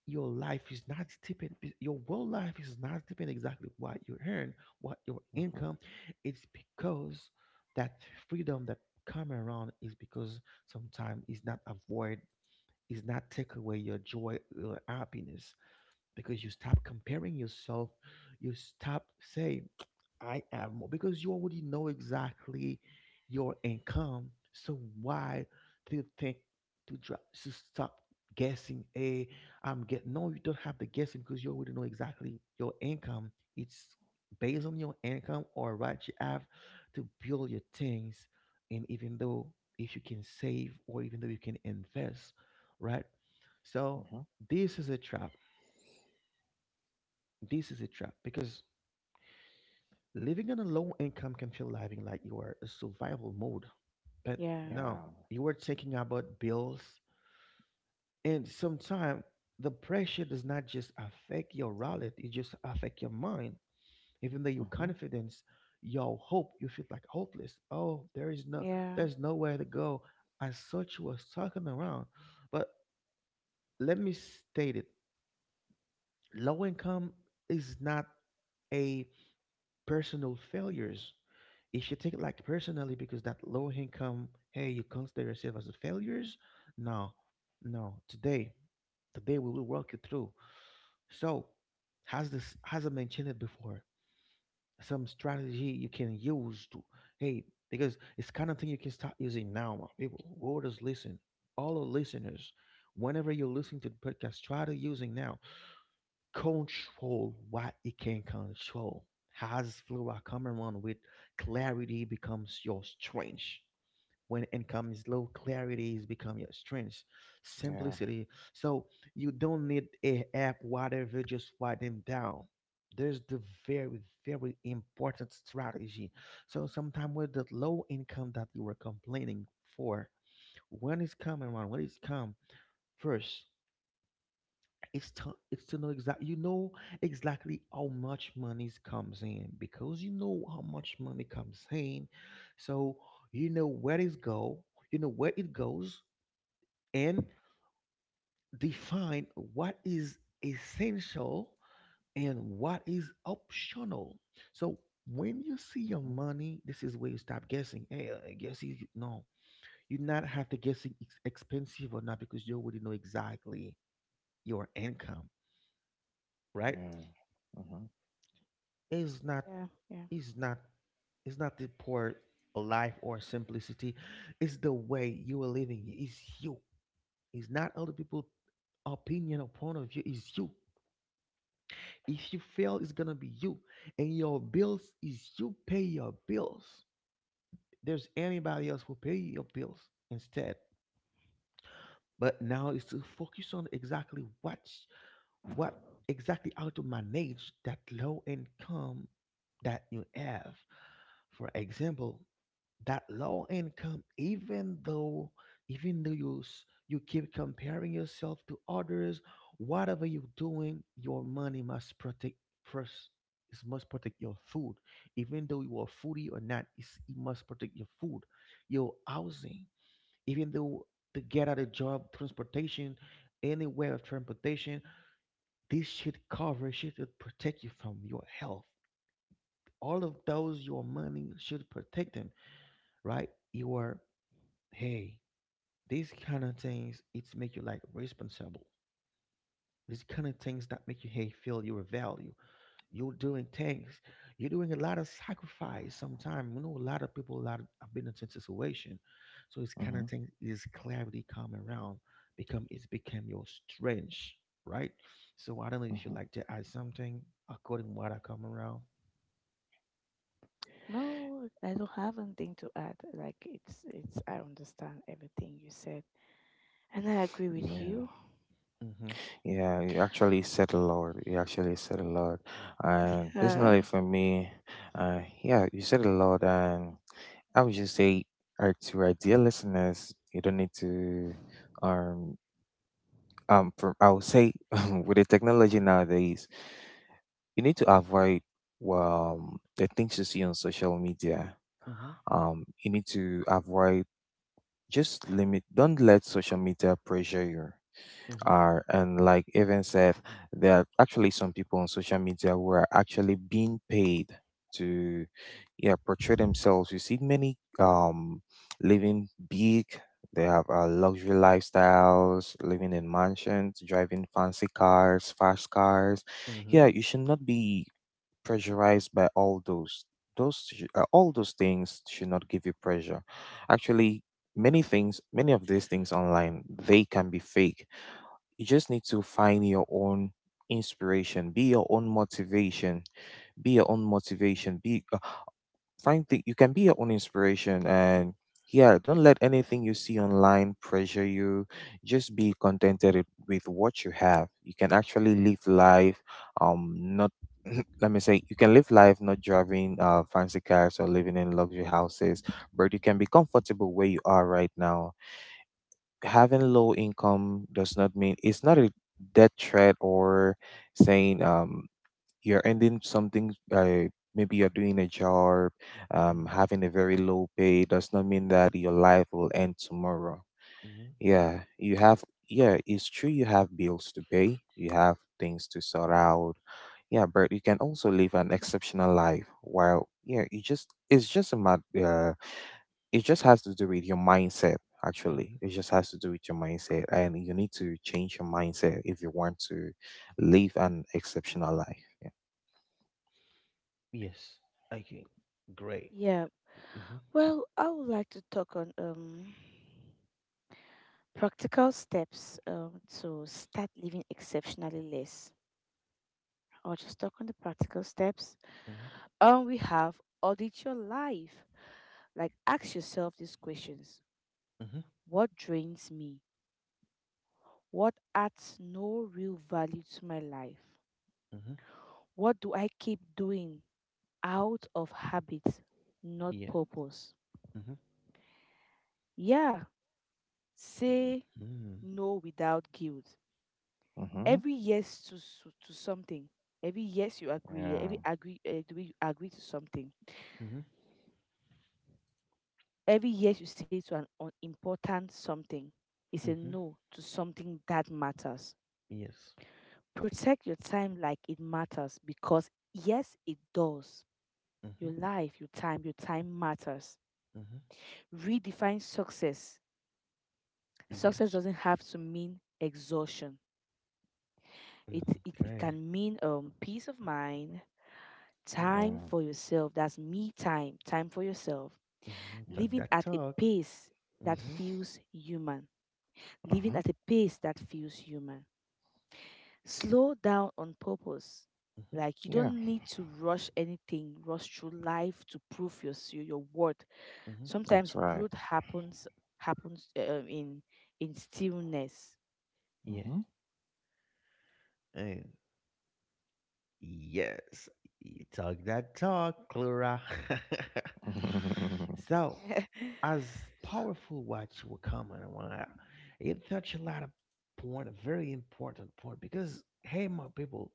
A: your life is not depend, your world life is not depend exactly what you earn, what your
C: mhm,
A: income. It's because that freedom that come around is because sometimes is not avoid, is not take away your joy, your happiness because you
C: mhm,
A: stop comparing yourself, you stop say I have more because you already know exactly your income. So why do you think to drop, to stop guessing? A I'm get no, you don't have to guessing because you already know exactly your income. It's based on your income or what you have to build your things. And even though if you can save or even though you can invest, right? So
C: mhm.
A: this is a trap. This is a trap because living on a low income can feel living like you are in survival mode, but
B: Yeah.
A: no,
C: Yeah.
A: you are thinking about bills, and sometimes the pressure does not just affect your wallet; it just affect your mind. Even though your
C: Mhm,
A: confidence, your hope, you feel like hopeless. Oh, there is no,
B: Yeah.
A: there's nowhere to go. As such, you was talking around, but let me state it: low income is not a personal failures. If you take it like personally because that low income, hey, you consider yourself as a failures? No, no. Today, today we will work it through. So, has I mentioned it before? Some strategy you can use to hey because it's kind of thing you can start using now, my people. Who does listen, all our listeners. Whenever you're listening to the podcast, try to using now control what it can control. Has Flora Cameron with clarity becomes your strength. When income is low, clarity is become your strength.
C: yeah.
A: Simplicity. So you don't need a app, whatever, just write them down. There's the very, very important strategy. So sometimes with the low income that you were complaining for, when it's coming around, when it's come first, it's to know exactly you know exactly how much money comes in because you know how much money comes in, so you know where it go, you know where it goes, and define what is essential and what is optional. So when you see your
C: Mhm,
A: money, this is where you stop guessing. Hey, I guess you no, you not have to guess it's expensive or not because you already know exactly your income, right?
C: yeah. Mhm,
A: is not
B: Yeah. Yeah.
A: is not is not the poor life or simplicity. It's the way you are living. It's you. It's not other people' opinion or point of view. It's you. If you fail, it's gonna be you. And your bills is you pay your bills. There's anybody else who pay your bills instead. But now is to focus on exactly what exactly how to manage that low income that you have. For example, that low income even though you keep comparing yourself to others. Whatever you're doing, your money must protect first. It must protect your food. Even though you are foodie or not, it's, it must protect your food, your housing, even though to get out a job, transportation, any way of transportation, this should cover, should protect you from your health. All of those, your money should protect them, right? You are, hey, these kind of things, it's make you like responsible. These kind of things that make you hey feel your value. You're doing things. You're doing a lot of sacrifice. Sometimes you know a lot of people, a lot of, have been in such situation. So it's kind
C: mhm,
A: of thing is clarity come around, become it's become your strength, right? So I don't know if you
C: mhm.
A: like to add something according to what I come around.
B: No, I don't have anything to add. Like it's I understand everything you said and I agree with
C: Yeah.
B: you.
A: Mhm.
C: Yeah, you actually said a lot. You actually said a lot. And
B: Yeah.
C: personally, for me, yeah, you said a lot. And I would just say, to our dear listeners, you don't need to, um, for, I would say, with the technology nowadays, you need to avoid, well, the things you see on social media.
A: Mhm.
C: You need to avoid, just limit, don't let social media pressure you.
A: Mhm.
C: Are And like Evan said, there are actually some people on social media who are actually being paid to, yeah, portray themselves. You see many, living big, they have luxury lifestyles, living in mansions, driving fancy cars, fast cars. Yeah,
A: Mhm.
C: you should not be pressurized by all those things should not give you pressure. Actually, many of these things online, they can be fake. You just need to find your own inspiration, be your own motivation, be you can be your own inspiration, and yeah, don't let anything you see online pressure you. Just be contented with what you have. You can actually live life, not let me say, you can live life not driving fancy cars or living in luxury houses, but you can be comfortable where you are right now. Having low income does not mean... it's not a death threat, or saying, you're ending something. Maybe you're doing a job,
A: Mhm.
C: having a very low pay does not mean that your life will end tomorrow.
A: Mhm.
C: Yeah, you have... yeah, it's true, you have bills to pay, you have things to sort out. Yeah, but you can also live an exceptional life, while, yeah, you just it's just a matter. It just has to do with your mindset. Actually,
A: Mhm.
C: it just has to do with your mindset, and you need to change your mindset if you want to live an exceptional life. Yeah.
A: Yes. Okay. Great.
B: Yeah.
A: Mm-hmm.
B: Well, I would like to talk on practical steps to start living exceptionally less. I'll just talk on the practical steps.
A: Mhm,
B: We have audit your life. Like, ask yourself these questions:
A: mhm,
B: What drains me? What adds no real value to my life?
A: mhm,
B: What do I keep doing out of habit, not
A: yeah,
B: purpose?
A: mhm,
B: Yeah, say
A: mhm,
B: no without guilt.
C: Mm-hmm.
B: Every yes to something, every yes you agree,
C: Yeah.
B: every agree the way you agree to something,
A: mhm,
B: every yes you say to an important something is a
A: mhm,
B: no to something that matters.
A: yes,
B: Protect your time like it matters, because yes it does.
A: mhm,
B: Your life, your time matters.
A: mhm,
B: Redefine success. Success
A: yes,
B: doesn't have to mean exhaustion. it
A: mhm,
B: it, it can
A: great,
B: mean peace of mind, time
C: Yeah.
B: for yourself, that's me time, time for yourself,
A: mhm, talk
C: Mm-hmm.
B: living
A: that
B: at a
A: talk,
B: pace that
A: mhm,
B: feels human. Living
C: Mm-hmm.
B: at a pace that feels human. Slow down on purpose.
A: mhm,
B: Like you
C: Yeah.
B: don't need to rush anything, rush through life to prove your worth.
A: mhm,
B: Sometimes
C: That's right.
B: growth happens, in stillness.
A: yeah, eh, yes, you talk that talk, Clara.
C: Mm-hmm.
A: So, as powerful what you were coming on, it touched a lot of point, a very important point, because hey, my people.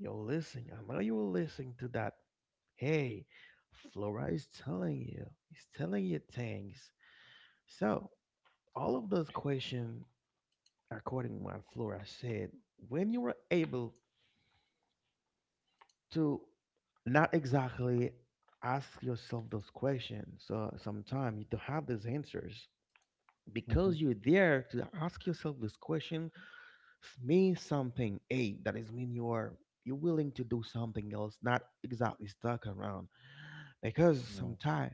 A: You're listening. I know you were listening to that. Hey, Flora is telling you. He's telling you things. So all of those questions, according to what Flora said, when you were able to not exactly ask yourself those questions, so sometimes you don't have these answers because you're there to ask yourself this question. Means something a that is mean you are, you're willing to do something else, not exactly stuck around, because
C: Mm.
A: sometimes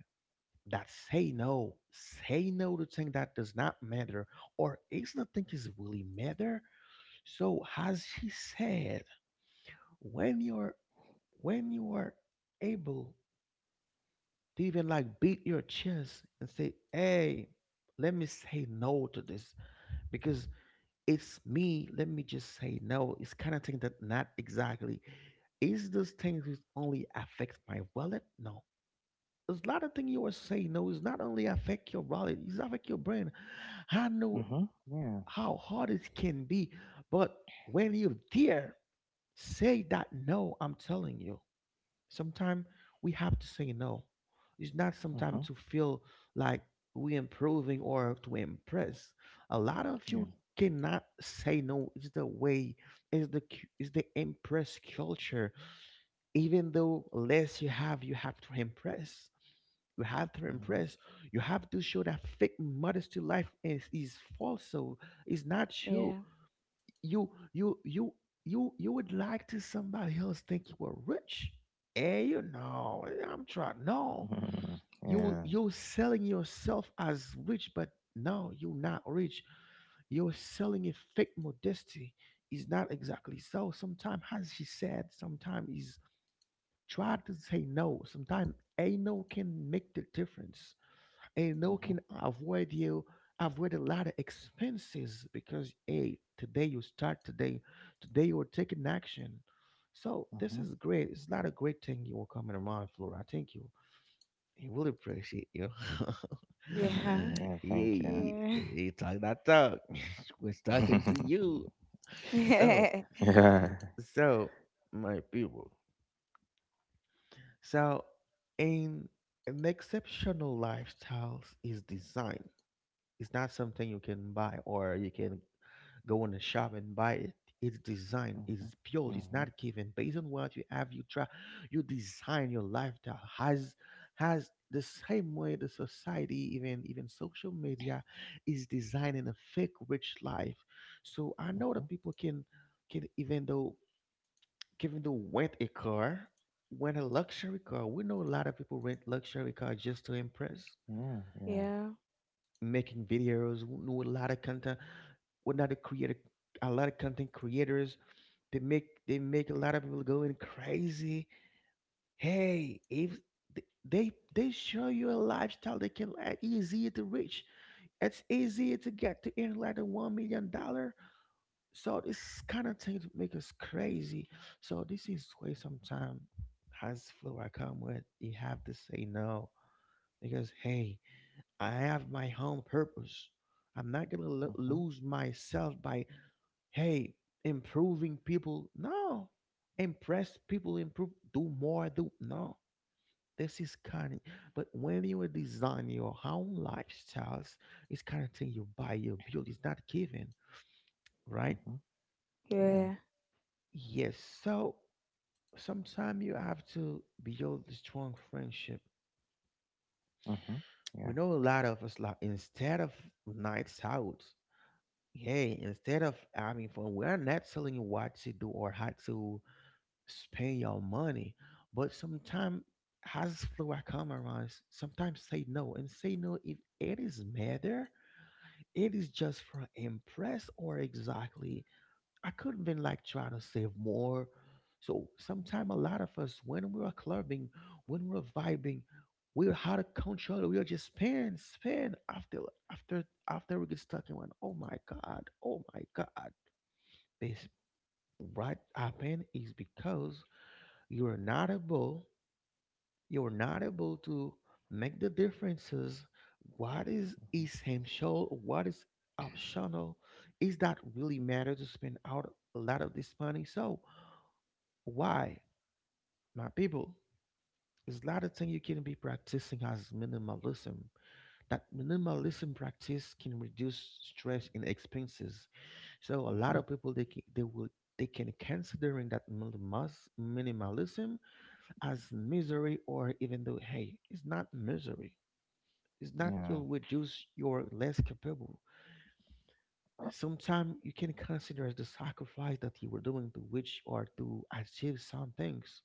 A: that say no, say no to thing that does not matter or is not think is really matter. So as she said, when you're when you are able to even like beat your chest and say, hey, let me say no to this because it's me. Let me just say no. It's kind of thing that not exactly is this thing that only affect my wallet. No, there's a lot of things you are saying no. It's not only affect your wallet, it's affect your brain. I know
C: Mhm. Yeah.
A: how hard it can be, but when you are there, say that no. I'm telling you, sometimes we have to say no. It's not sometimes
C: Mhm.
A: to feel like we improving or to impress. A lot of
C: Yeah.
A: you cannot say no. It's the way, it's the impress culture. Even though less you have to impress. You have to
C: Mhm.
A: impress. You have to show that fake modesty life is false. So it's not
B: yeah.
A: you you you you would like to somebody else think you were rich, and you know, I'm trying no. You,
C: Yeah.
A: you're selling yourself as rich, but no, you're not rich. You're selling a fake modesty. Is not exactly. So sometimes as she said, sometimes is try to say no. Sometimes a no can make the difference, and no
C: Mhm.
A: can avoid you, avoid a lot of expenses because hey, today you start. Today, today you're taking action. So this
C: Mhm.
A: is great. It's not a great thing you were coming around, Flora. Thank you. I really appreciate you.
B: yeah.
C: Yeah. Thank you.
A: Yeah,
B: Yeah.
A: you talk that talk. We're talking to you. so
C: Yeah.
A: so my people, so in an exceptional lifestyles is designed. It's not something you can buy or you can go in the shop and buy it. It's design.
C: Mhm.
A: It's built. It's
C: Mhm.
A: not given. Based on what you have, you try. You design your lifestyle. Has the same way the society, even social media, is designing a fake rich life. So I know that
C: Mhm.
A: people can even though rent a car, rent a luxury car. We know a lot of people rent luxury car just to impress,
C: Yeah.
B: Yeah.
C: Yeah.
B: Yeah.
A: making videos, who know a lot of content. We not a creator. A lot of content creators, they make a lot of people going crazy. Hey, if they they show you a lifestyle that can easy to reach, it's easy to get to earn like a $1 million. So this kind of thing make us crazy. So this is why sometimes, as flow I come with, you have to say no because hey, I have my own purpose. I'm not gonna
C: Mhm.
A: lose myself by hey improving people. No, impress people, improve, do more, do no. This is kind of, but when you design your own lifestyles, it's kind of thing you buy, you build. It's not given, right?
C: Mhm. Yeah.
A: Yes. So sometimes you have to build a strong friendship.
C: Mhm.
A: We
C: Yeah.
A: know a lot of us like instead of nights out, hey, instead of, I mean, for we're not telling you what to do or how to spend your money, but sometimes as flow come around, sometimes say no, and say no if it is matter, it is just for impress, or exactly I could have been like trying to save more. So sometimes a lot of us, when we are clubbing, when we're vibing, we're out of control. We are just spin, spin after after after we get stuck in one. Oh my god, oh my god. This what happened is because you are not able, you are not able to make the differences. What is
C: Mhm.
A: essential? What is optional? Is that really matter to spend out a lot of this money? So why, my people, is that a thing you can be practicing as minimalism? That minimalism practice can reduce stress and expenses. So a lot
C: Mhm.
A: of people they can, they will they can considering that minimalism as misery or even though hey, it's not misery. It's not
C: Yeah.
A: you'll reduce your less capable. Sometimes you can consider as the sacrifice that you were doing to which or to achieve some things.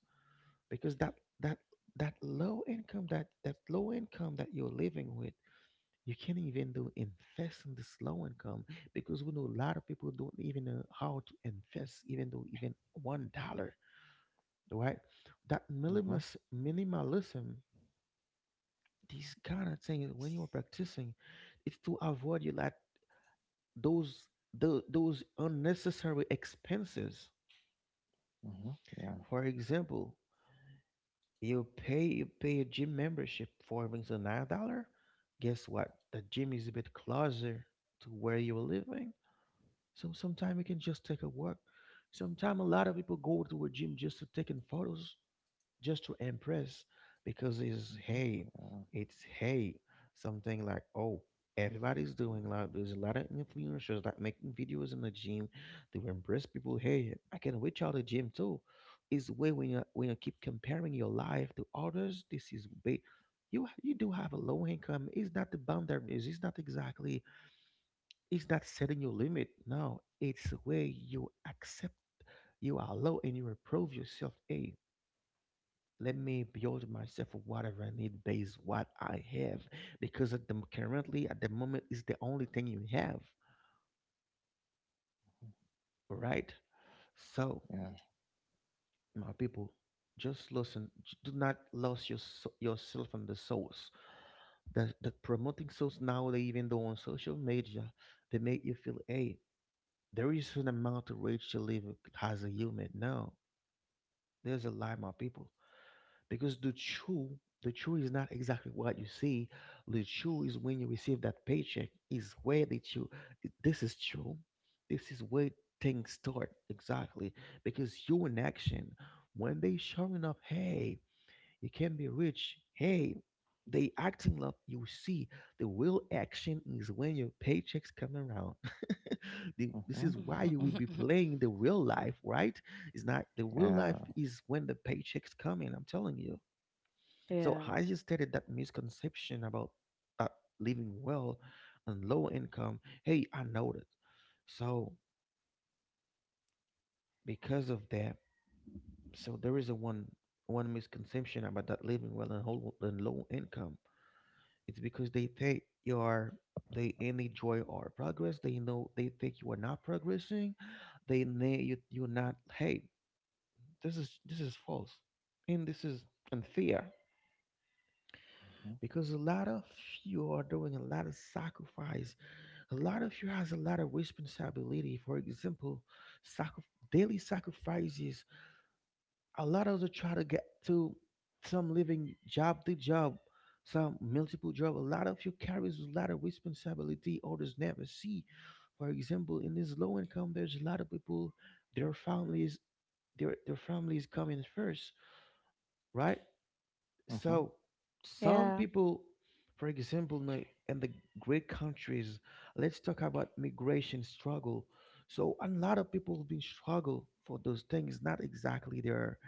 A: Because that that low income, that low income that you're living with, you can't even do invest in this low income because we know a lot of people don't even know how to invest even though even $1, right? that
C: Mhm.
A: minimalist minimalism these kind of things when you're practicing, it's to avoid you like those, those unnecessary expenses.
C: Mhm. Yeah.
A: For example, you pay a gym membership for rings on $9. Guess what? The gym is a bit closer to where you're living. So sometimes you can just take a walk. Sometimes a lot of people go to a gym just to taking photos, just to impress because
C: Mhm. Yeah.
A: it's hey, something like oh, everybody's doing that. There's a lot of influencers that making videos in the gym to impress people. Hey, I can reach out the gym too. Is way when you keep comparing your life to others, this is you you do have a low income. It's not the boundaries. It's not exactly. It's not setting your limit. No, it's where you accept you are low and you improve yourself. Hey, let me build myself whatever I need based what I have, because at the currently at the moment is the only thing you have. All right. So,
C: Yeah.
A: my people, just listen. Do not lose yourself on the source. The promoting source now, they even though on social media, they make you feel, hey, there is an amount of rage to live as a human. No, there's a lie, my people. Because the true is not exactly what you see, the true is when you receive that paycheck, is where the true this is true, this is where things start exactly, because you in action. When they showing up, hey, you can be rich, hey, they acting up, you see, the real action is when your paychecks come around. The- this is
C: Mhm.
A: why you will
C: Mhm.
A: be playing the real life, right? It's not, the real life
C: Yeah.
A: is when the paychecks come in, I'm telling you.
B: Yeah.
A: So
B: yeah.
A: Hayes stated that misconception about that living well and low income. Hey, I noticed. So because of that, so there is a one one misconception about that living well and, whole, and low income. It's because they think you are, they only joy or progress. They know, they think you are not progressing. They know you're not. Hey, this is false, and this is unfair,
C: Mhm.
A: because a lot of you are doing a lot of sacrifice. A lot of you has a lot of responsibility. For example, sacri- daily sacrifices. A lot of us try to get to some living job to job, some multiple job. A lot of you carries a lot of responsibility others never see. For example, in this low income, there's a lot of people, their families, their families coming first, right?
C: Mhm.
A: So some
B: Yeah.
A: people, for example, in the great countries, let's talk about migration struggle. So a lot of people have been struggle for those things. Not exactly their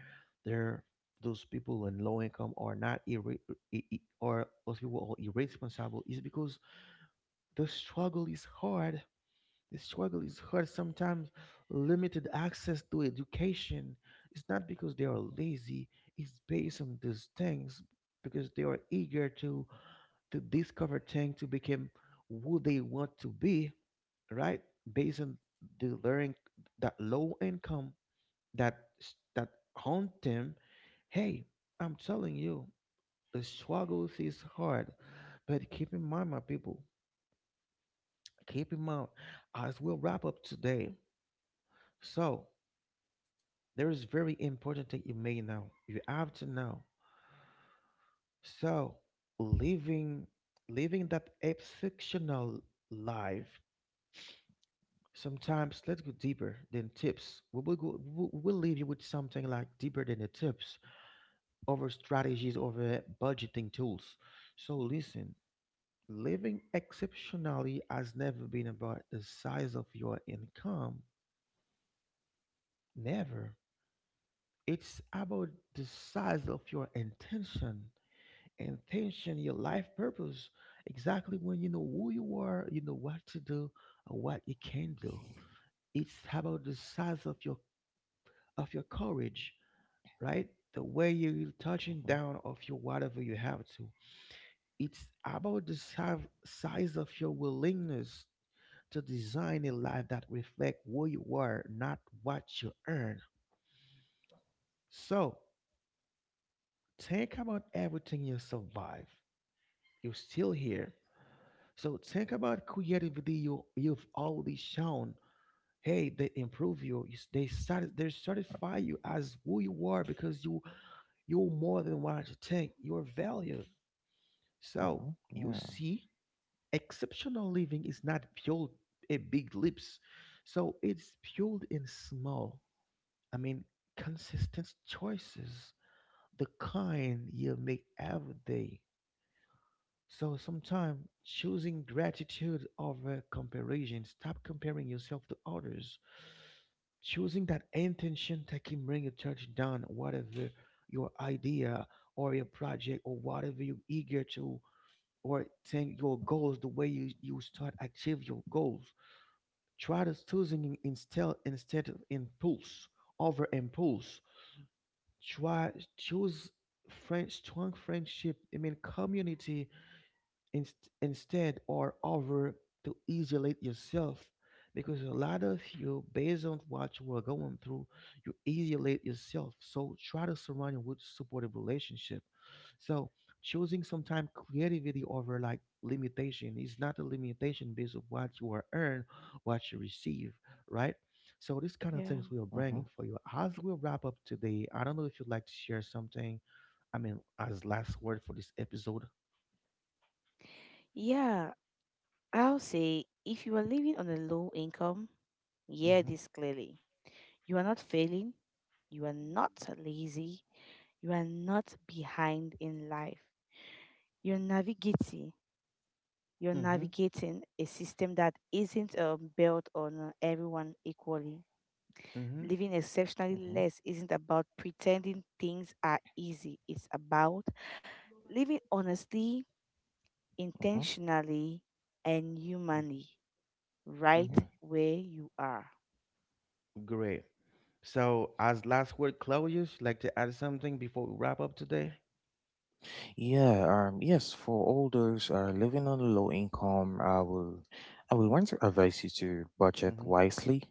A: their those people in low income are not irre- I- or those people are irresponsible. Is because the struggle is hard. The struggle is hard sometimes, limited access to education. It's not because they are
C: Mhm,
A: lazy, it's based on these things because they are eager to discover things, to become who they want to be, right? Based on the learning, that low income, that haunt them. Hey, I'm telling you, the struggles is hard, but keep in mind, my people, keep in mind, as we'll wrap up today. So there is very important that you may know. You have to know. So living living that exceptional life. Sometimes let's go deeper than tips. We will go. We will leave you with something like deeper than the tips, over strategies, over budgeting tools. So listen. Living exceptionally has never been about the size of your income. Never. It's about the size of your intention, your life purpose, exactly when you know who you are, you know what to do and what you can do. It's about the size of your courage, right? The way you're touching down of your whatever you have to. It's about the size of your willingness to design a life that reflect who you are, not what you earn. So think about everything you survive. You're still here. So think about creativity you've already shown. Hey, they improve you. They satisfy you as who you are, because you're more than what you think. You're valued. So
C: mhm,
A: you
C: yeah.
A: see, exceptional living is not built a big leaps. So it's built in small. I mean, consistent choices, the kind you make every day. So sometimes choosing gratitude over comparison, stop comparing yourself to others. Choosing that intention that can bring you touch down whatever your idea or your project or whatever you're eager to, or think your goals, the way you start achieve your goals. Try to choosing instead of impulse, over impulse. Try choose friend strong friendship. Community, instead or over to isolate yourself, because a lot of you based on what you are going through, you isolate yourself, so try to surround you with supportive relationship. So choosing sometime creativity over like limitation, is not a limitation based on what you are earn, what you receive, right? So these kind of
B: Yeah.
A: things we are
C: Mhm,
A: bringing for you as we wrap up today. I don't know if you'd like to share something, as last word for this episode.
B: Yeah. I'll say if you are living on a low income, hear
A: Mm-hmm.
B: this clearly. You are not failing, you are not lazy, you are not behind in life. You're navigating. You're
A: Mm-hmm.
B: navigating a system that isn't, built on everyone equally. Living exceptionally
C: mhm,
B: less isn't about pretending things are easy. It's about living honestly,
C: mhm,
B: intentionally, and humanly, right
A: Hmm.
C: yeah.
B: where you are.
A: Great. So, as last word, Claudius, you'd like to add something before we wrap up today?
C: Yeah, yes, for all those living on a low income, I will want to advise you to budget
A: Mm-hmm.
C: wisely.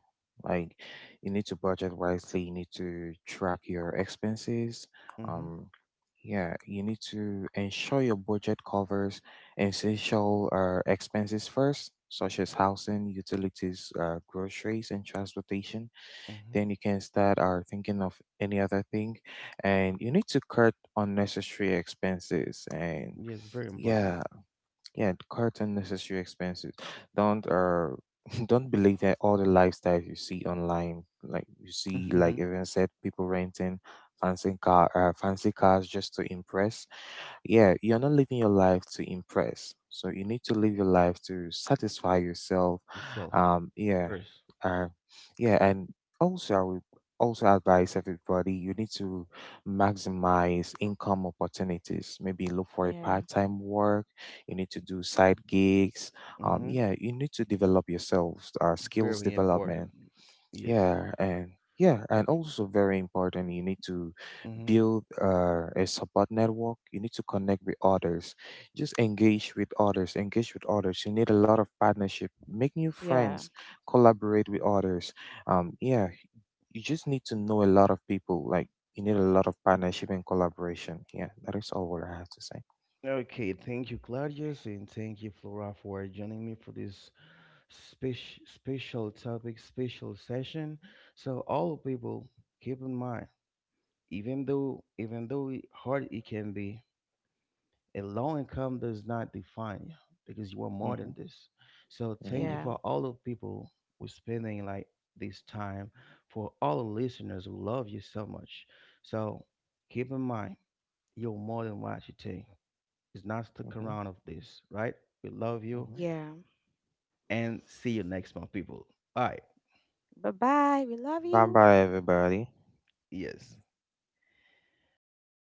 C: Like, you need to budget wisely. You need to track your expenses.
A: Mm-hmm.
C: Um, yeah, you need to ensure your budget covers essential expenses first, such as housing, utilities, groceries, and transportation.
A: Mm-hmm.
C: Then you can start or thinking of any other thing, and you need to cut unnecessary expenses. And
A: Yes, very important.
C: yeah, yeah, cut unnecessary expenses. Don't Don't believe that all the lifestyles you see online, like you see, like
A: Mm-hmm.
C: even said, people renting fancy cars just to impress. Yeah, you're not living your life to impress. So you need to live your life to satisfy yourself.
A: Yourself
C: Yeah,
A: first.
C: uh, yeah, and also I would also advise everybody, you need to maximize income opportunities. Maybe look for a
B: Yeah.
C: part-time work. You need to do side gigs.
A: Mm-hmm.
C: Yeah, you need to develop yourselves, skills
A: Very important.
C: development.
A: Yes.
C: Yeah, and yeah, and also very important, you need to
A: Mm-hmm.
C: build a support network. You need to connect with others. Just engage with others, engage with others. You need a lot of partnership. Make new
B: Yeah.
C: friends, collaborate with others. Yeah, you just need to know a lot of people. Like, you need a lot of partnership and collaboration. Yeah, that is all what I have to say.
A: Okay. Thank you, Claudius, and thank you, Flora, for joining me for this special topic, special session. So, all people, keep in mind, even though, it- hard it can be, a low income does not define you, because you are more
C: Mm-hmm.
A: than this. So thank
C: Yeah.
A: you
B: Yeah.
A: for all the people who spending like this time, for all the listeners, who love you so much. So keep in mind, you're more than what you think. It's not stuck
C: Mm-hmm.
A: around of this, right? We love you,
C: Mm-hmm.
B: Yeah.
A: and see you next month, people. All right.
B: Bye bye. We love
C: Bye
B: you.
C: bye, everybody.
A: Yes. All